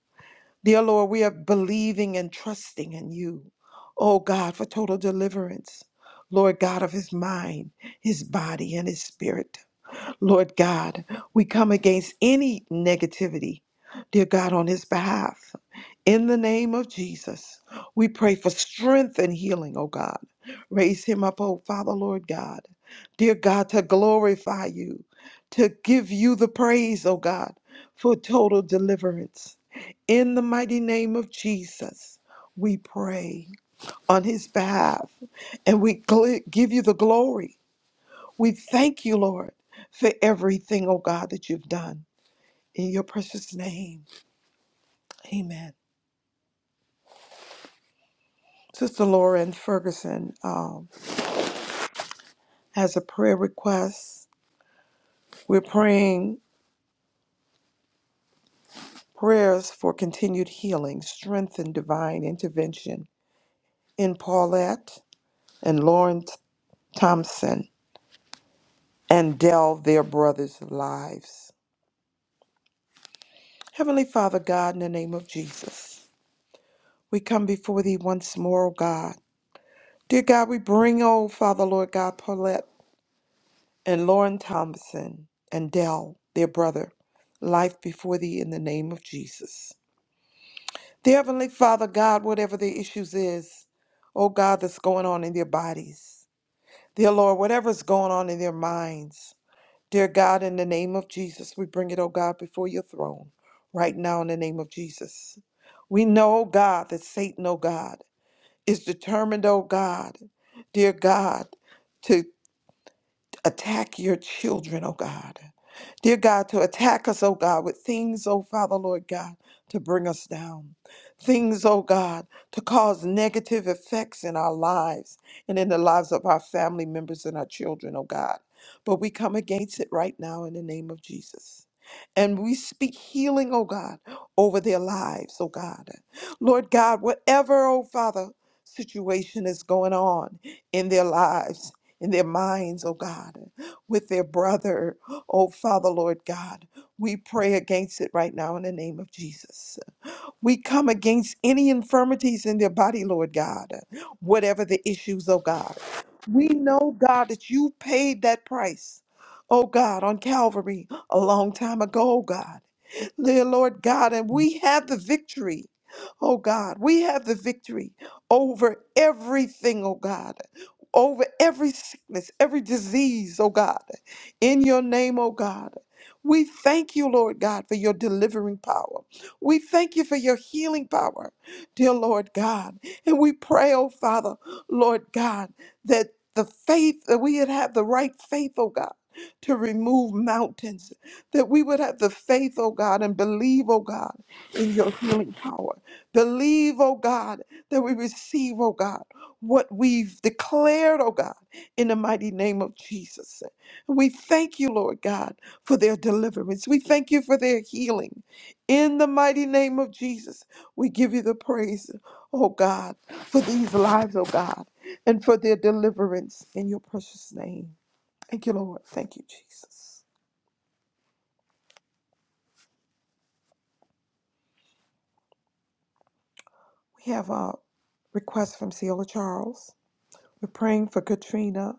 Speaker 7: Dear Lord, we are believing and trusting in you, oh God, for total deliverance. Lord God of his mind, his body, and his spirit. Lord God, we come against any negativity, dear God, on his behalf. In the name of Jesus, we pray for strength and healing, oh God. Raise him up, oh Father, Lord God. Dear God, to glorify you, to give you the praise, oh God, for total deliverance. In the mighty name of Jesus, we pray on his behalf and we gl- give you the glory. We thank you, Lord, for everything, oh God, that you've done. In your precious name, amen. Sister Lauren Ferguson um, has a prayer request. We're praying prayers for continued healing, strength, and divine intervention in Paulette and Lauren Thompson and Dell, their brothers' lives. Heavenly Father God, in the name of Jesus, we come before thee once more, O God. Dear God, we bring, oh Father, Lord God, Paulette. and Lauren Thompson and Dell, their brother, life before thee in the name of Jesus. Dear Heavenly Father, God, whatever the issues is, oh God, that's going on in their bodies, dear Lord, whatever's going on in their minds, dear God, in the name of Jesus, we bring it, oh God, before your throne right now in the name of Jesus. We know, oh God, that Satan, oh God, is determined, oh God, dear God, attack your children, oh God. Dear God, to attack us, oh God, with things, oh Father, Lord God, to bring us down. Things, oh God, to cause negative effects in our lives and in the lives of our family members and our children, oh God. But we come against it right now in the name of Jesus. And we speak healing, oh God, over their lives, oh God. Lord God, whatever, oh Father, situation is going on in their lives in their minds, oh God, with their brother, oh Father, Lord God. We pray against it right now in the name of Jesus. We come against any infirmities in their body, Lord God, whatever the issues, oh God. We know, God, that you paid that price, oh God, on Calvary a long time ago, oh God. Dear Lord God, and we have the victory. Oh God, we have the victory over everything, oh God, over every sickness, every disease, oh God, in your name, oh God. We thank you, Lord God, for your delivering power. We thank you for your healing power, dear Lord God. And we pray, oh Father, Lord God, that the faith, that we would have the right faith, oh God. To remove mountains, that we would have the faith, oh God, and believe, oh God, in your healing power. Believe, oh God, that we receive, oh God, what we've declared, oh God, in the mighty name of Jesus. We thank you, Lord God, for their deliverance. We thank you for their healing. In the mighty name of Jesus, we give you the praise, oh God, for these lives, oh God, and for their deliverance in your precious name. Thank you, Lord. Thank you, Jesus. We have a request from Ciola Charles. We're praying for Katrina,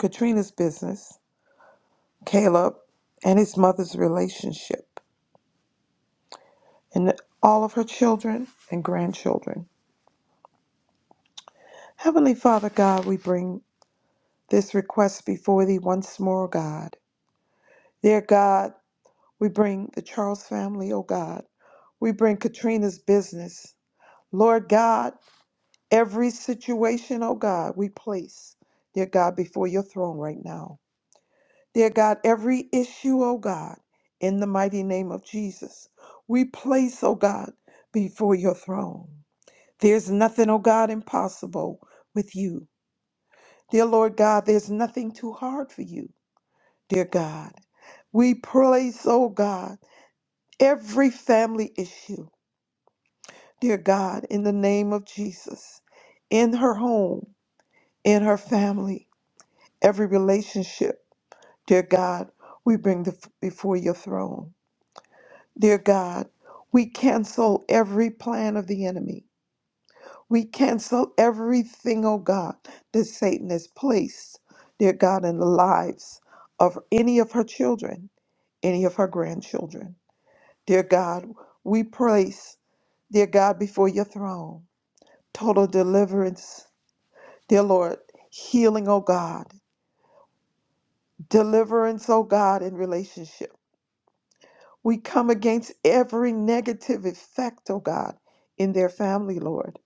Speaker 7: Katrina's business, Caleb, and his mother's relationship, and all of her children and grandchildren. Heavenly Father God, we bring this request before thee once more, God. Dear God, We bring the Charles family, oh God. We bring Katrina's business. Lord God, every situation, oh God, we place, dear God, before your throne right now. Dear God, every issue, oh God, in the mighty name of Jesus, we place, oh God, before your throne. There's nothing, oh God, impossible with you. Dear Lord God, there's nothing too hard for you, dear God. We place, oh God, every family issue. Dear God, in the name of Jesus, in her home, in her family, every relationship, dear God, we bring the, before your throne. Dear God, we cancel every plan of the enemy. We cancel everything, oh God, that Satan has placed, dear God, in the lives of any of her children, any of her grandchildren. Dear God, we place, dear God, before your throne, total deliverance Dear Lord, healing, oh God, deliverance, oh God, in relationship. We come against every negative effect, oh God, in their family, Lord.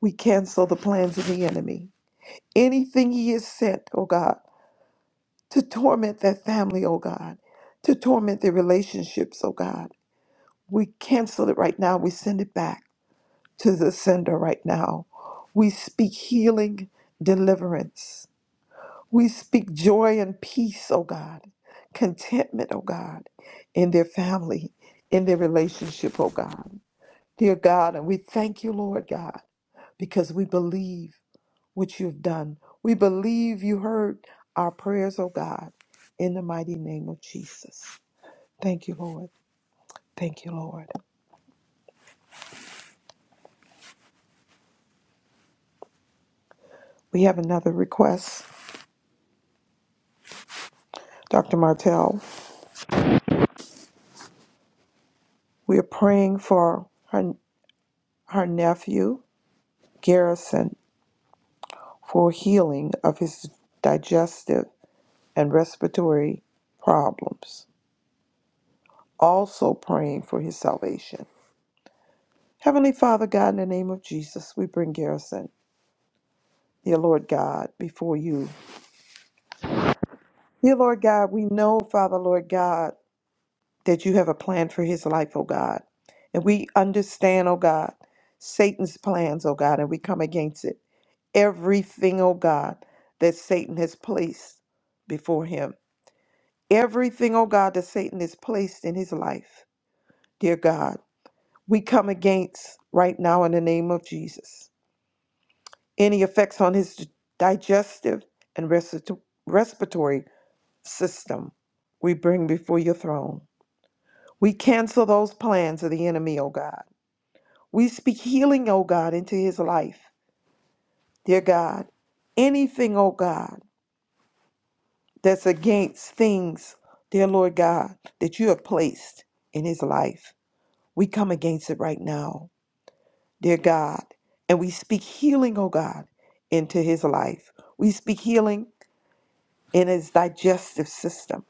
Speaker 7: We cancel the plans of the enemy. Anything he has sent, oh God, to torment that family, oh God, to torment their relationships, oh God. We cancel it right now. We send it back to the sender right now. We speak healing, deliverance We speak joy and peace, oh God, contentment, oh God, in their family, in their relationship, oh God. Dear God, and we thank you, Lord God, because we believe what you've done. We believe you heard our prayers, oh God, in the mighty name of Jesus. Thank you, Lord. Thank you, Lord. We have another request, Dr. Martell. We are praying for her, her nephew, Garrison. for healing of his digestive and respiratory problems, also praying for his salvation. Heavenly Father God, in the name of Jesus, we bring Garrison, dear Lord God, before you. Dear Lord God, we know, Father Lord God, that you have a plan for his life, O God. And we understand, O God, Satan's plans, O God, and we come against it. Everything, O God, that Satan has placed before him. everything, oh God, that Satan has placed in his life. Dear God, we come against right now in the name of Jesus any effects on his digestive and respito- respiratory system. We bring before your throne. We cancel those plans of the enemy, oh God. We speak healing, oh God, into his life. Dear God, anything, oh God, that's against things, dear Lord God, that you have placed in his life, we come against it right now dear God. And we speak healing, oh God, into his life. We speak healing in his digestive system.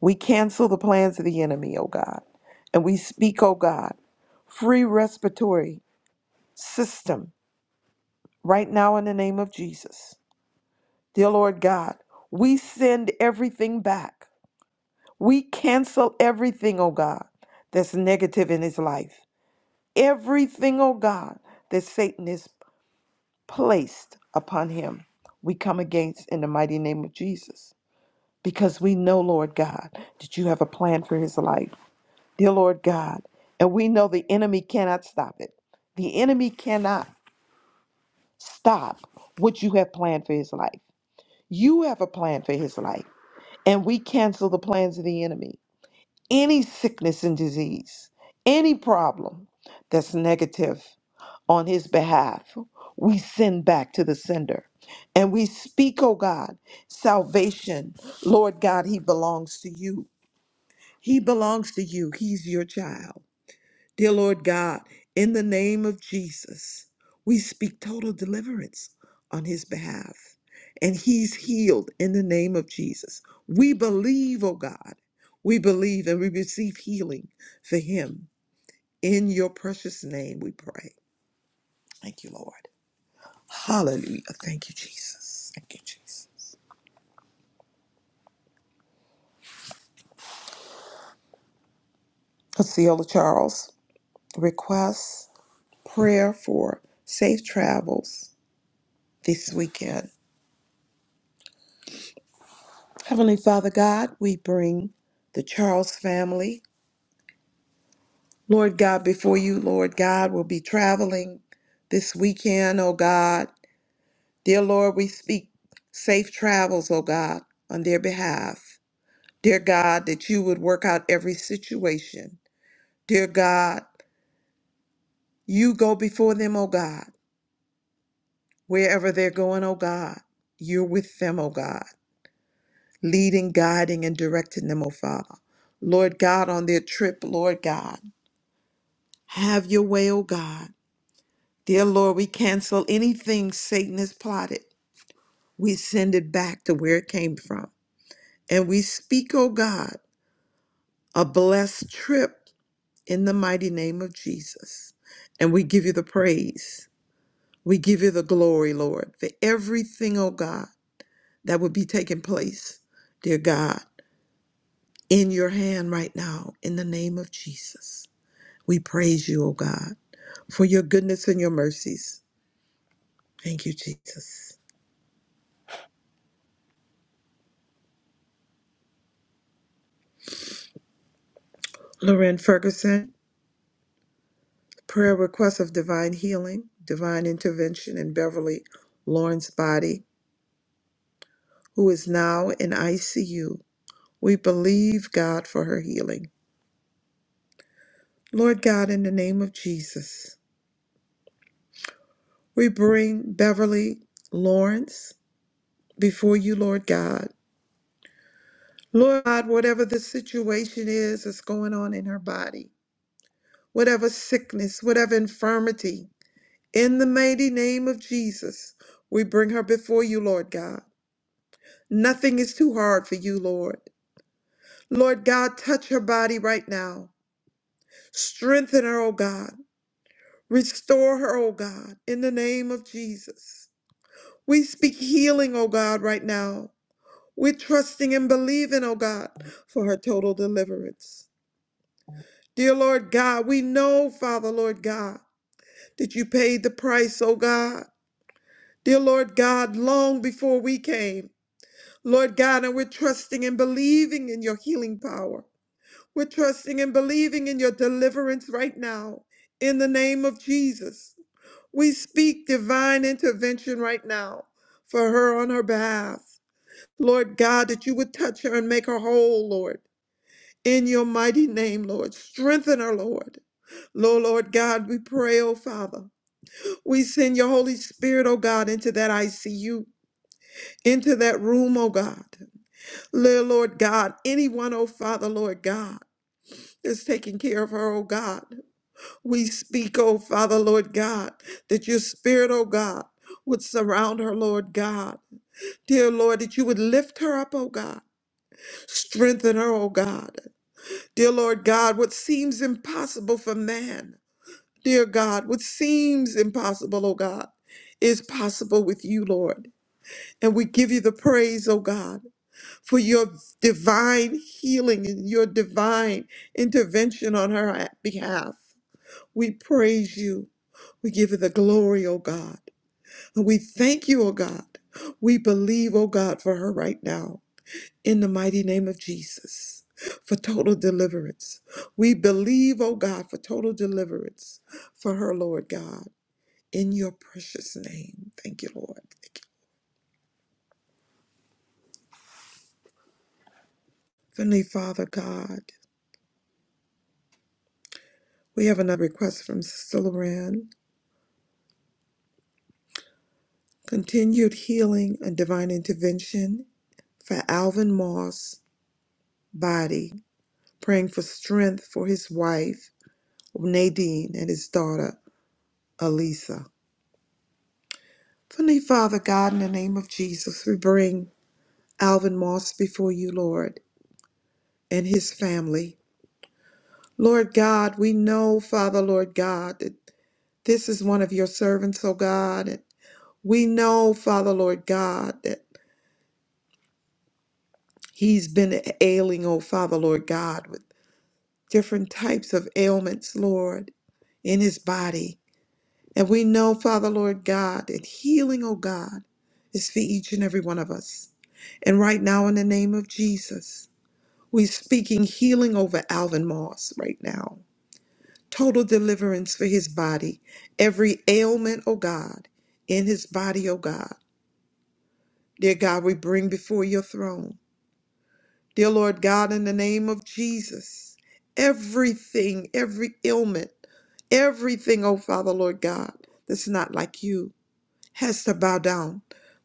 Speaker 7: We cancel the plans of the enemy, oh God. And we speak, oh God, free respiratory system right now in the name of Jesus. Dear Lord God, we send everything back. We cancel everything, oh God, that's negative in his life. Everything, oh God, that Satan is placed upon him, we come against in the mighty name of Jesus. Because we know, Lord God, that you have a plan for his life. Dear Lord God, and we know the enemy cannot stop it. The enemy cannot stop what you have planned for his life. You have a plan for his life, and we cancel the plans of the enemy. Any sickness and disease, any problem that's negative, on his behalf. We send back to the sender. And we speak, oh God, salvation. Lord God, he belongs to you. He belongs to you. He's your child. Dear Lord God, in the name of Jesus, we speak total deliverance on his behalf. And he's healed in the name of Jesus. We believe, oh God, we believe and we receive healing for him. In your precious name, we pray. Thank you, Lord. Hallelujah. Thank you, Jesus. Thank you, Jesus. Osceola Charles requests prayer for safe travels this weekend. Heavenly Father God, we bring the Charles family, Lord God, before you, Lord God, will be traveling this weekend, oh God. Dear Lord, we speak safe travels, oh God, on their behalf. Dear God, that you would work out every situation. Dear God, you go before them, oh God. Wherever they're going, oh God, you're with them, oh God, leading, guiding, and directing them, oh Father. Lord God, on their trip, Lord God, have your way, oh God. Dear Lord, we cancel anything Satan has plotted. We send it back to where it came from. And we speak, oh God, a blessed trip in the mighty name of Jesus. And we give you the praise. We give you the glory, Lord, for everything, oh God, that would be taking place, dear God. in your hand right now in the name of Jesus. We praise you, O God, for your goodness and your mercies. Thank you, Jesus. Lorraine Ferguson, prayer request of divine healing, divine intervention in Beverly Lauren's body, who is now in ICU. We believe God for her healing. Lord God, in the name of Jesus, we bring Beverly Lawrence before you, Lord God. Lord God, whatever the situation is that's going on in her body, whatever sickness, whatever infirmity, in the mighty name of Jesus, we bring her before you, Lord God. Nothing is too hard for you, Lord. Lord God, touch her body right now. Strengthen her, O God. Restore her, O God, in the name of Jesus. We speak healing, O God, right now. We're trusting and believing, O God, for her total deliverance. Dear Lord God, we know, Father, Lord God, that you paid the price, oh God. Dear Lord God, long before we came, Lord God, and we're trusting and believing in your healing power. We're trusting and believing in your deliverance right now. In the name of Jesus, we speak divine intervention right now for her on her behalf. Lord God, that you would touch her and make her whole, Lord. In your mighty name, Lord. Strengthen her, Lord. Lo Lord God, we pray, oh Father. We send your Holy Spirit, oh God, into that ICU, into that room, oh God. Lord, Lord God, anyone, oh Father, Lord God, that's taking care of her, oh God. We speak, oh Father, Lord God, that your spirit, oh God, would surround her, Lord God. Dear Lord, that you would lift her up, oh God. Strengthen her, oh God. Dear Lord God, what seems impossible for man. Dear God, what seems impossible, oh God, is possible with you, Lord. And we give you the praise, oh God, for your divine healing and your divine intervention on her behalf. We praise you. We give you the glory, oh God. And we thank you, oh God. We believe, oh God, for her right now. In the mighty name of Jesus, for total deliverance. We believe, oh God, for total deliverance for her, Lord God in your precious name. Thank you, Lord. Thank you. Heavenly Father God, we have another request from Sister Loran. Continued healing and divine intervention for Alvin Moss' body. Praying for strength for his wife, Nadine, and his daughter, Alisa. Heavenly Father God, in the name of Jesus, we bring Alvin Moss before you, Lord, and his family. Lord God, we know, Father, Lord God, that This is one of your servants, O God. And we know, Father, Lord God, that he's been ailing, O Father, Lord God, with different types of ailments, Lord, in his body. And we know, Father, Lord God, that healing, O God, is for each and every one of us. And right now, in the name of Jesus, we're speaking healing over Alvin Moss right now. Total deliverance for his body. Every ailment, O God, in his body, O God. Dear God, we bring before your throne. Dear Lord God, in the name of Jesus, everything, every ailment, everything, oh Father, Lord God, that's not like you has to bow down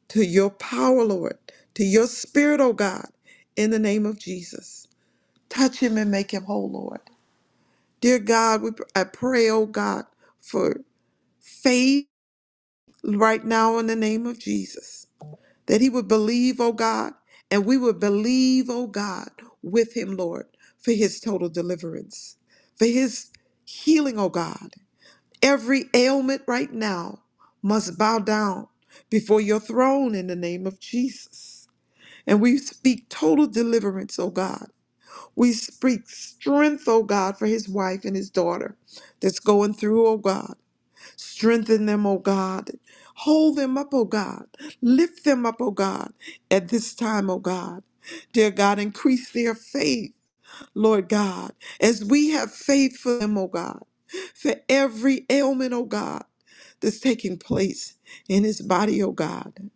Speaker 7: to your power, Lord, to your spirit, oh God, in the name of Jesus. Touch him and make him whole, Lord. Dear God, we, I pray, oh God, for faith right now in the name of Jesus. that he would believe, oh God, and we would believe, oh God, with him, Lord, for his total deliverance, for his healing, oh God. Every ailment right now must bow down before your throne in the name of Jesus. And we speak total deliverance, oh God. We speak strength, oh God, for his wife and his daughter that's going through, oh God. Strengthen them, O God. Hold them up, O God. Lift them up, O God, at this time, O God. Dear God, increase their faith, Lord God, as we have faith for them, O God, for every ailment, O God, that's taking place in his body, O God.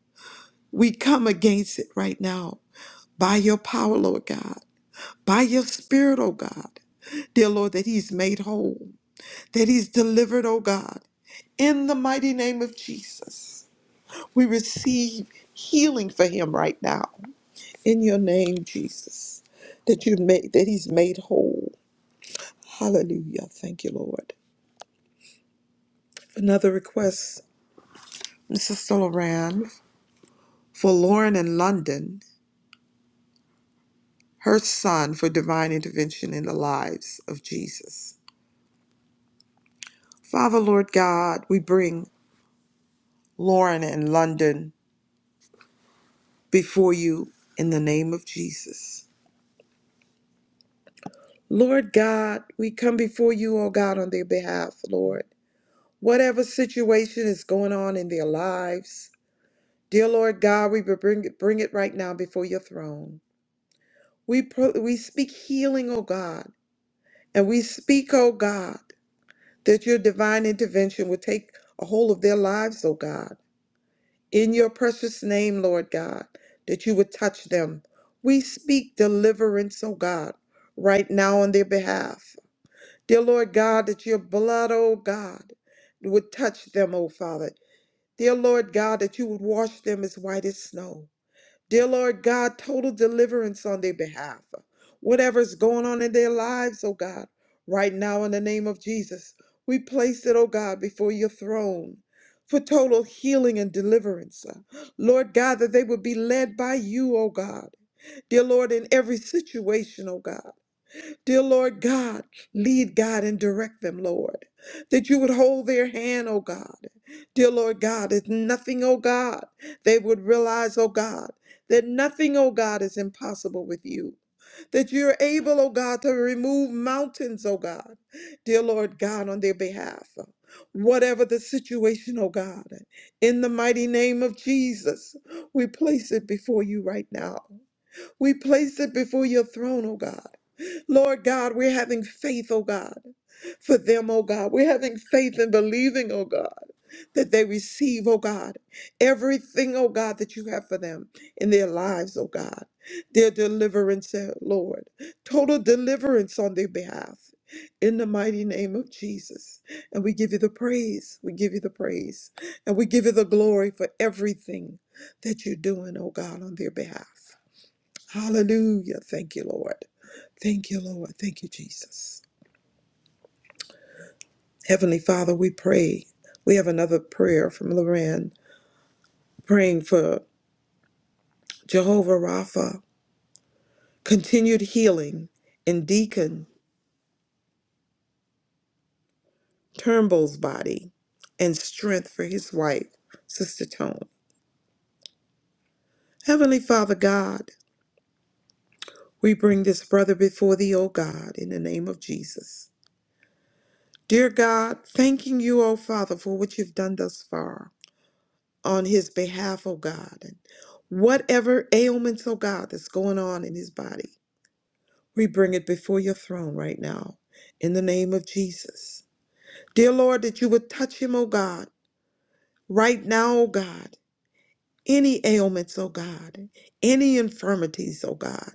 Speaker 7: We come against it right now by your power, Lord God, by your spirit, O God, dear Lord, that he's made whole that he's delivered, oh God. In the mighty name of Jesus, we receive healing for him right now. In your name, Jesus, that you made that he's made whole. Hallelujah. Thank you, Lord. Another request, Sister Loran, for Lauren in London, her son, for divine intervention in the lives of Jesus. Father, Lord God, we bring Lauren in London before you in the name of Jesus. Lord God, we come before you, oh God, on their behalf, Lord. Whatever situation is going on in their lives, dear Lord God, we bring it, bring it right now before your throne. We pro- we speak healing, oh God, and we speak, oh God, that your divine intervention will take a hold of their lives, oh God, in your precious name, Lord God, that you would touch them. We speak deliverance, oh God, right now on their behalf. Dear Lord God, that your blood, oh God, would touch them, oh Father. Dear Lord God, that you would wash them as white as snow. Dear Lord God, total deliverance on their behalf. Whatever's going on in their lives, oh God, right now in the name of Jesus, we place it, oh God, before your throne for total healing and deliverance. Lord God, that they would be led by you, oh God. Dear Lord, in every situation, oh God. Dear Lord God, lead God and direct them, Lord, that you would hold their hand, oh God. Dear Lord God, it's nothing, oh God, they would realize, oh God, that nothing, oh God, is impossible with you. That you're able, oh God, to remove mountains, oh God. Dear Lord God, on their behalf. Whatever the situation, oh God, in the mighty name of Jesus, we place it before you right now. We place it before your throne, oh God. Lord God, we're having faith, oh God, for them, oh God. We're having faith and believing, oh God, that they receive, oh God, everything, oh God, that you have for them in their lives, oh God. Their deliverance, eh, Lord. Total deliverance on their behalf. In the mighty name of Jesus. And we give you the praise. We give you the praise. And we give you the glory for everything that you're doing, oh God, on their behalf. Hallelujah. Thank you, Lord. Thank you, Lord. Thank you, Jesus. Heavenly Father, we pray. We have another prayer from Loren praying for Jehovah Rapha, continued healing in Deacon Turnbull's body, and strength for his wife, Sister Tone. Heavenly Father God, we bring this brother before thee, O God, in the name of Jesus. Dear God, thanking you, O Father, for what you've done thus far. on his behalf, oh God. And whatever ailments, oh God, that's going on in his body, we bring it before your throne right now in the name of Jesus. Dear Lord, that you would touch him, oh God, right now, oh God any ailments, oh God, any infirmities, oh God.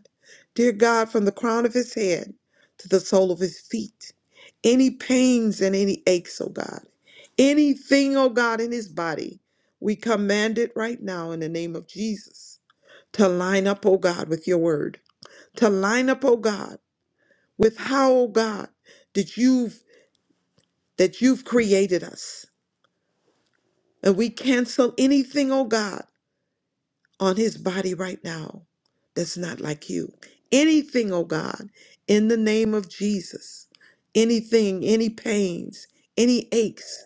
Speaker 7: Dear God, from the crown of his head to the sole of his feet, any pains and any aches, oh God, anything, oh God, in his body, we command it right now in the name of Jesus to line up, oh God, with your word, to line up, oh God, with how, oh God, that you've that you've created us. And we cancel anything, oh God. on his body right now that's not like you. Anything, oh God, in the name of Jesus, anything, any pains, any aches,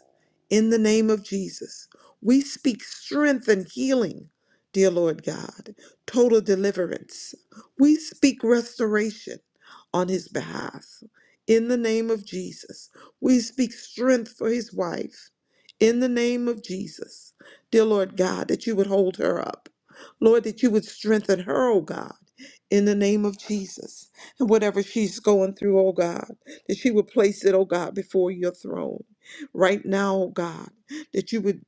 Speaker 7: in the name of Jesus, we speak strength and healing, dear Lord God, total deliverance. We speak restoration on his behalf. In the name of Jesus, we speak strength for his wife. In the name of Jesus, dear Lord God, that you would hold her up Lord, that you would strengthen her, oh God, in the name of Jesus. And whatever she's going through, oh God, that she would place it, oh God, before your throne. Right now, oh God, that you would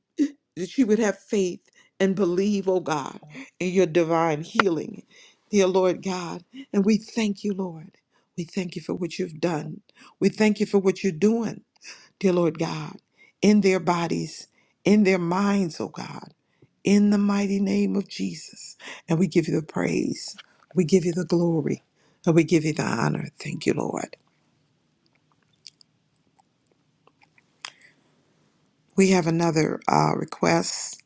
Speaker 7: that she would have faith and believe, oh God, in your divine healing. Dear Lord God, and we thank you, Lord. We thank you for what you've done. We thank you for what you're doing, dear Lord God, in their bodies, in their minds, oh God in the mighty name of Jesus. And we give you the praise. We give you the glory. And we give you the honor. Thank you, Lord. We have another uh, request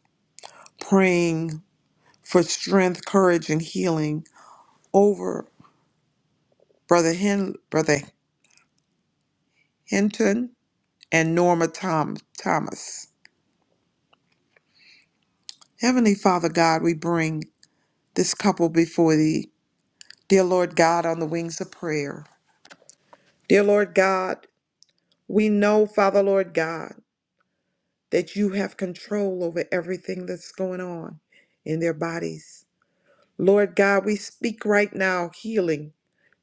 Speaker 7: praying for strength, courage, and healing over Brother, Hen- Brother Hinton and Norma Tom- Thomas. Heavenly Father God, we bring this couple before thee. Dear Lord God, on the wings of prayer. Dear Lord God, we know, Father Lord God. that you have control over everything that's going on in their bodies. Lord God, we speak right now healing,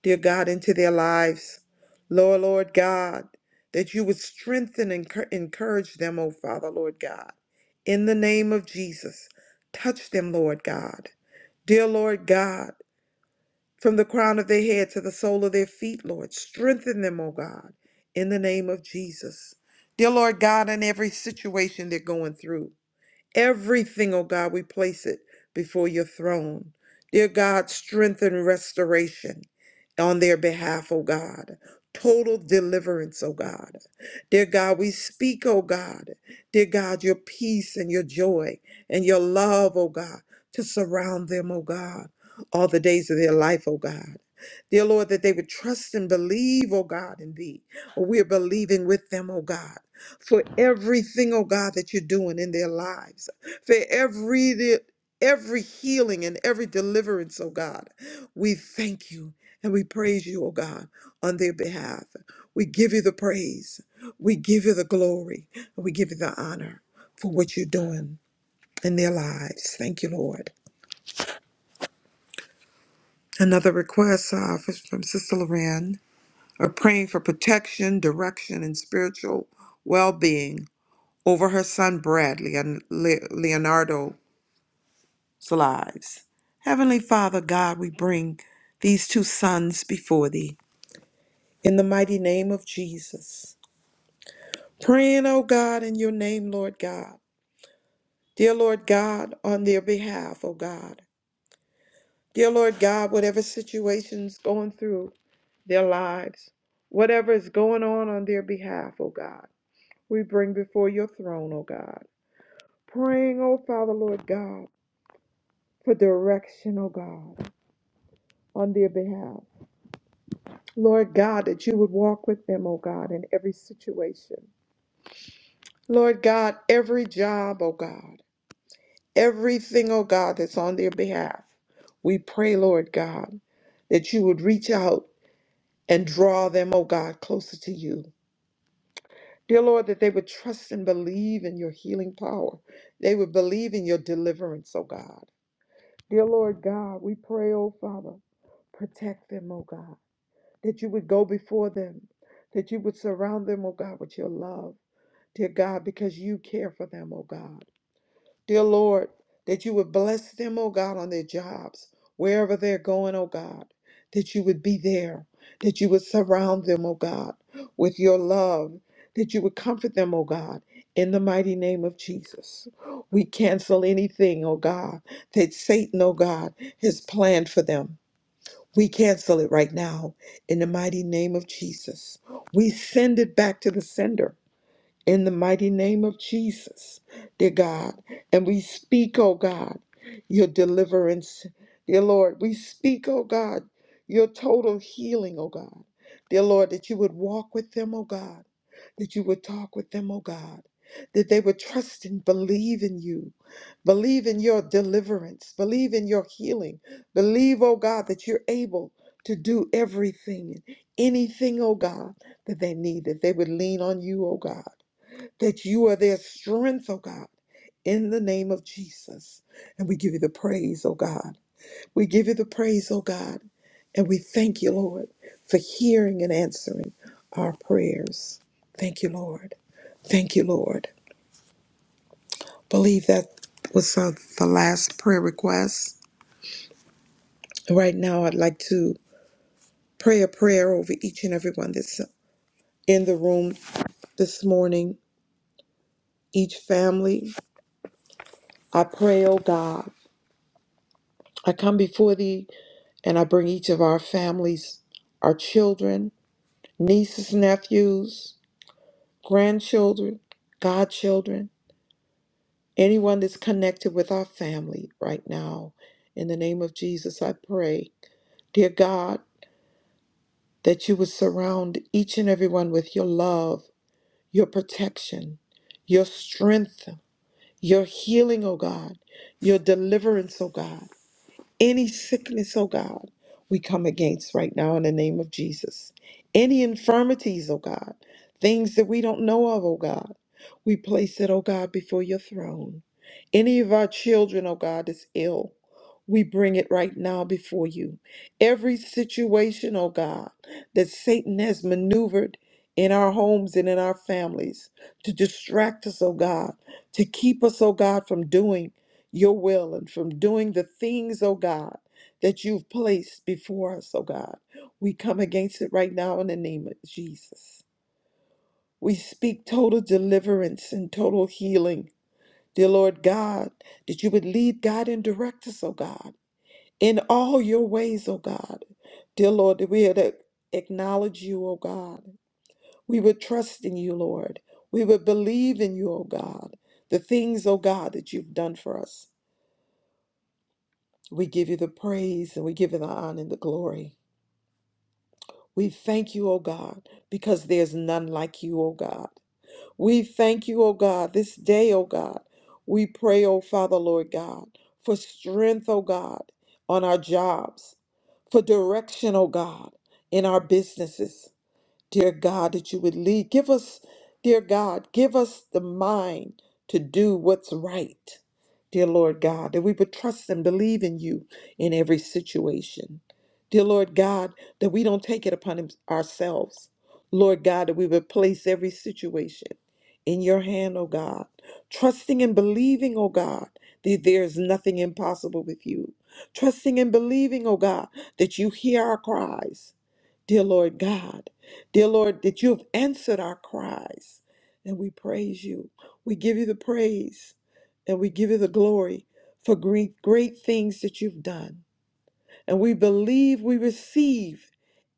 Speaker 7: dear God, into their lives. Lord, Lord God, that you would strengthen and encour- encourage them, oh Father, Lord God. In the name of Jesus, touch them, Lord God. Dear Lord God, from the crown of their head to the sole of their feet, Lord. Strengthen them, O God, in the name of Jesus. Dear Lord God, in every situation they're going through. Everything, oh God, we place it before your throne. Dear God, strength and restoration on their behalf, oh God. Total deliverance, oh God. Dear God, we speak, oh God. Dear God, your peace and your joy and your love, oh God, to surround them, oh God, all the days of their life, oh God. Dear Lord, that they would trust and believe, oh God, in thee. We're believing with them, oh God for everything, oh God, that you're doing in their lives, for every every healing and every deliverance, oh God. We thank you and we praise you, oh God, on their behalf. We give you the praise, we give you the glory, and we give you the honor for what you're doing in their lives. Thank you, Lord. Another request uh, f- from Sister Loren, are praying for protection, direction, and spiritual well-being over her son Bradley and Le- Leonardo's lives. Heavenly Father, God, we bring these two sons before thee in the mighty name of Jesus. Praying, O God, in your name, Lord God. Dear Lord God, on their behalf, O God. Dear Lord God, whatever situation's going through their lives, whatever is going on on their behalf, O God, we bring before your throne, O God. Praying, O Father, Lord God for direction, oh God, on their behalf. Lord God, that you would walk with them, oh God, in every situation. Lord God, every job, oh God, everything, oh God, that's on their behalf. We pray, Lord God, that you would reach out and draw them, oh God, closer to you. Dear Lord, that they would trust and believe in your healing power. They would believe in your deliverance, oh God. Dear Lord God, we pray, oh Father, protect them, oh God. that you would go before them, that you would surround them, oh God, with your love, dear God, because you care for them, oh God. Dear Lord, that you would bless them, oh God, on their jobs, wherever they're going, oh God, that you would be there, that you would surround them, oh God, with your love, that you would comfort them, oh God. In the mighty name of Jesus, we cancel anything, oh God, that Satan, oh God, has planned for them. We cancel it right now in the mighty name of Jesus. We send it back to the sender in the mighty name of Jesus, dear God. And we speak, oh God, your deliverance, dear Lord. We speak, oh God, your total healing, oh God. Dear Lord, that you would walk with them, oh God, that you would talk with them, oh God, that they would trust and believe in you, believe in your deliverance, believe in your healing, believe, oh God, that you're able to do everything, anything, oh God, that they need, that they would lean on you, oh God that you are their strength, oh God, in the name of Jesus. And we give you the praise, oh God. We give you the praise, oh God. And we thank you, Lord, for hearing and answering our prayers. Thank you, Lord. Thank you, Lord. Believe that was uh, the last prayer request. Right now, I'd like to pray a prayer over each and everyone that's in the room this morning, each family. I pray, oh God, I come before thee And I bring each of our families, our children, nieces, nephews, grandchildren, godchildren, anyone that's connected with our family right now. In the name of Jesus, I pray, dear God, that you would surround each and everyone with your love, your protection, your strength, your healing, oh God, your deliverance, oh God. Any sickness, oh God, we come against right now in the name of Jesus. Any infirmities, oh God, things that we don't know of, oh God, we place it, oh God, before your throne. Any of our children, oh God, is ill. We bring it right now before you. Every situation, oh God, that Satan has maneuvered in our homes and in our families to distract us, oh God, to keep us, oh God, from doing your will and from doing the things, oh God, that you've placed before us, oh God. We come against it right now in the name of Jesus. We speak total deliverance and total healing. Dear Lord God, that you would lead, guide, and direct us, oh God, in all your ways, oh God. Dear Lord, that we would acknowledge you, oh God. We would trust in you, Lord. We would believe in you, oh God. The things, oh God, that you've done for us. We give you the praise and we give you the honor and the glory. We thank you, O God, because there's none like you, O God. We thank you, O God, this day, O God. We pray, O Father, Lord God, for strength, O God, on our jobs, for direction, O God, in our businesses dear God, that you would lead. Give us, dear God, give us the mind to do what's right, dear Lord God, that we would trust and believe in you in every situation. Dear Lord God, that we don't take it upon him- ourselves. Lord God, that we would place every situation in your hand, oh God, trusting and believing, oh God, that there is nothing impossible with you. Trusting and believing, oh God, that you hear our cries. Dear Lord God, Dear Lord, that you have answered our cries, and we praise you. We give you the praise, and we give you the glory for great, great things that you've done. And we believe we receive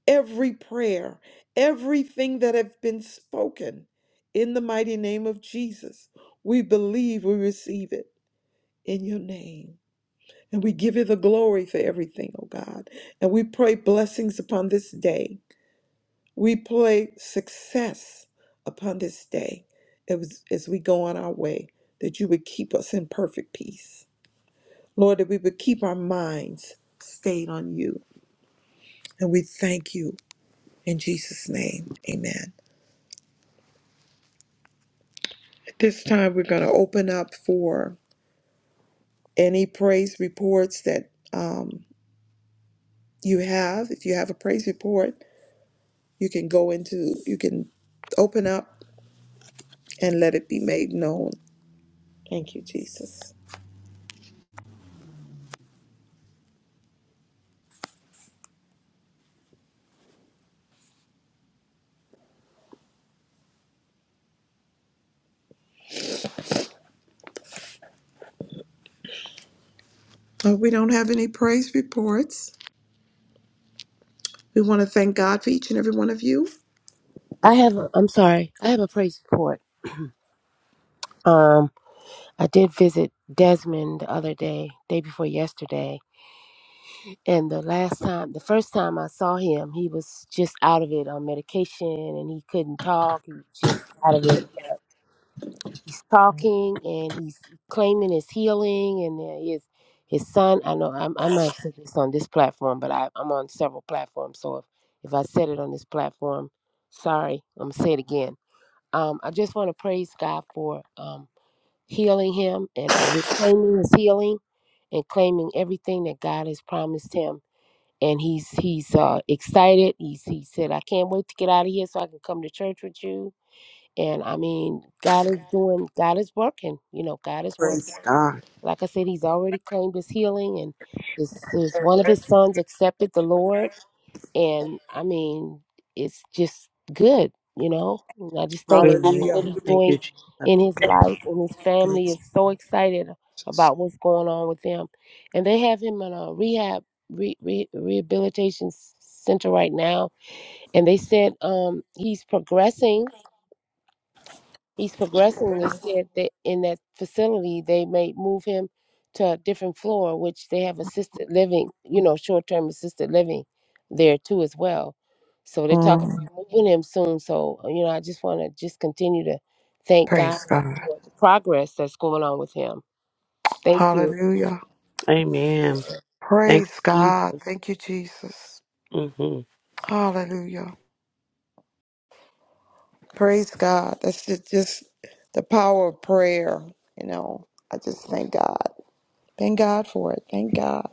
Speaker 7: every prayer, everything that have been spoken in the mighty name of Jesus. We believe we receive it in your name. And we give you the glory for everything, oh God. And we pray blessings upon this day. We pray success upon this day as, as we go on our way, that you would keep us in perfect peace. Lord, that we would keep our minds stayed on you. And we thank you in Jesus' name. Amen. At this time, we're going to open up for any praise reports that um, you have. If you have a praise report, you can go into, you can open up and let it be made known. Thank you, Jesus. Uh, we don't have any praise reports. We want to thank God for each and every one of you.
Speaker 8: I have. A, I'm sorry. I have a praise report. Um, I did visit Desmond the other day, day before yesterday, and the last time, the first time I saw him, he was just out of it on medication, and he couldn't talk. He was just out of it. But he's talking, and he's claiming his healing, and uh, his his son. I know I'm, I might have said this on this platform, but I, I'm on several platforms, so if if I said it on this platform, sorry, I'm gonna say it again Um, I just want to praise God for um, healing him and uh, we're claiming his healing and claiming everything that God has promised him. And he's he's uh, excited. He's, he said, "I can't wait to get out of here so I can come to church with you." And I mean, God is doing. God is working. You know, God is
Speaker 7: Praise
Speaker 8: working.
Speaker 7: God.
Speaker 8: Like I said, he's already claimed his healing, and this is one of his sons accepted the Lord and I mean, it's just good, you know. And I just thank God
Speaker 6: Amen.
Speaker 8: for what
Speaker 7: Hallelujah.
Speaker 8: He's
Speaker 6: Thank
Speaker 8: doing
Speaker 6: you, Jesus.
Speaker 8: in his life, and his family
Speaker 7: Praise
Speaker 8: is so excited about what's going on with him. And they have him in a rehab re, re, rehabilitation s- center right now, and they said um, he's progressing he's progressing. They said that in that facility they may move him to a different floor, which they have assisted living, you know, short term assisted living there too as well. So they're talking
Speaker 7: Mm,
Speaker 8: about moving him soon. So uh, you know, I just want to just continue to thank God
Speaker 7: praise
Speaker 8: for
Speaker 7: God.
Speaker 8: the progress that's going on with him. Thank you,
Speaker 7: Hallelujah.
Speaker 6: Amen. Thank
Speaker 7: Praise
Speaker 6: you,
Speaker 7: God.
Speaker 6: Jesus.
Speaker 7: Thank you, Jesus.
Speaker 6: hmm
Speaker 7: Hallelujah. Praise God. That's ju- just the power of prayer. You know, I just thank God. Thank God for it. Thank God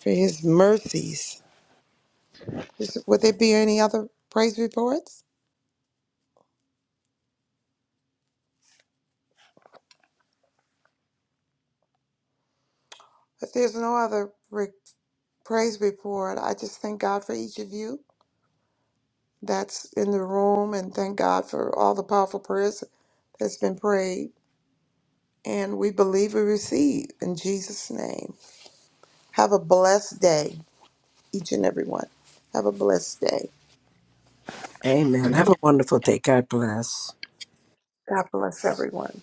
Speaker 7: for His mercies. Is- Would there be any other praise reports? If there's no other, praise report. I just thank God for each of you that's in the room and thank God for all the powerful prayers that's been prayed. And we believe we receive in Jesus' name. Have a blessed day, each and every one. Have a blessed day.
Speaker 2: Amen. Have a wonderful day. God bless.
Speaker 7: God bless everyone.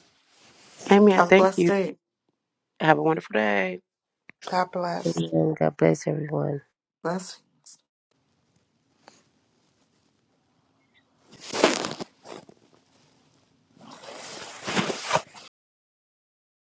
Speaker 6: Amen.
Speaker 3: Have a
Speaker 6: Thank
Speaker 3: blessed
Speaker 6: you.
Speaker 3: day.
Speaker 6: Have a wonderful day.
Speaker 7: God bless.
Speaker 8: Amen. God bless everyone.
Speaker 3: Bless. you.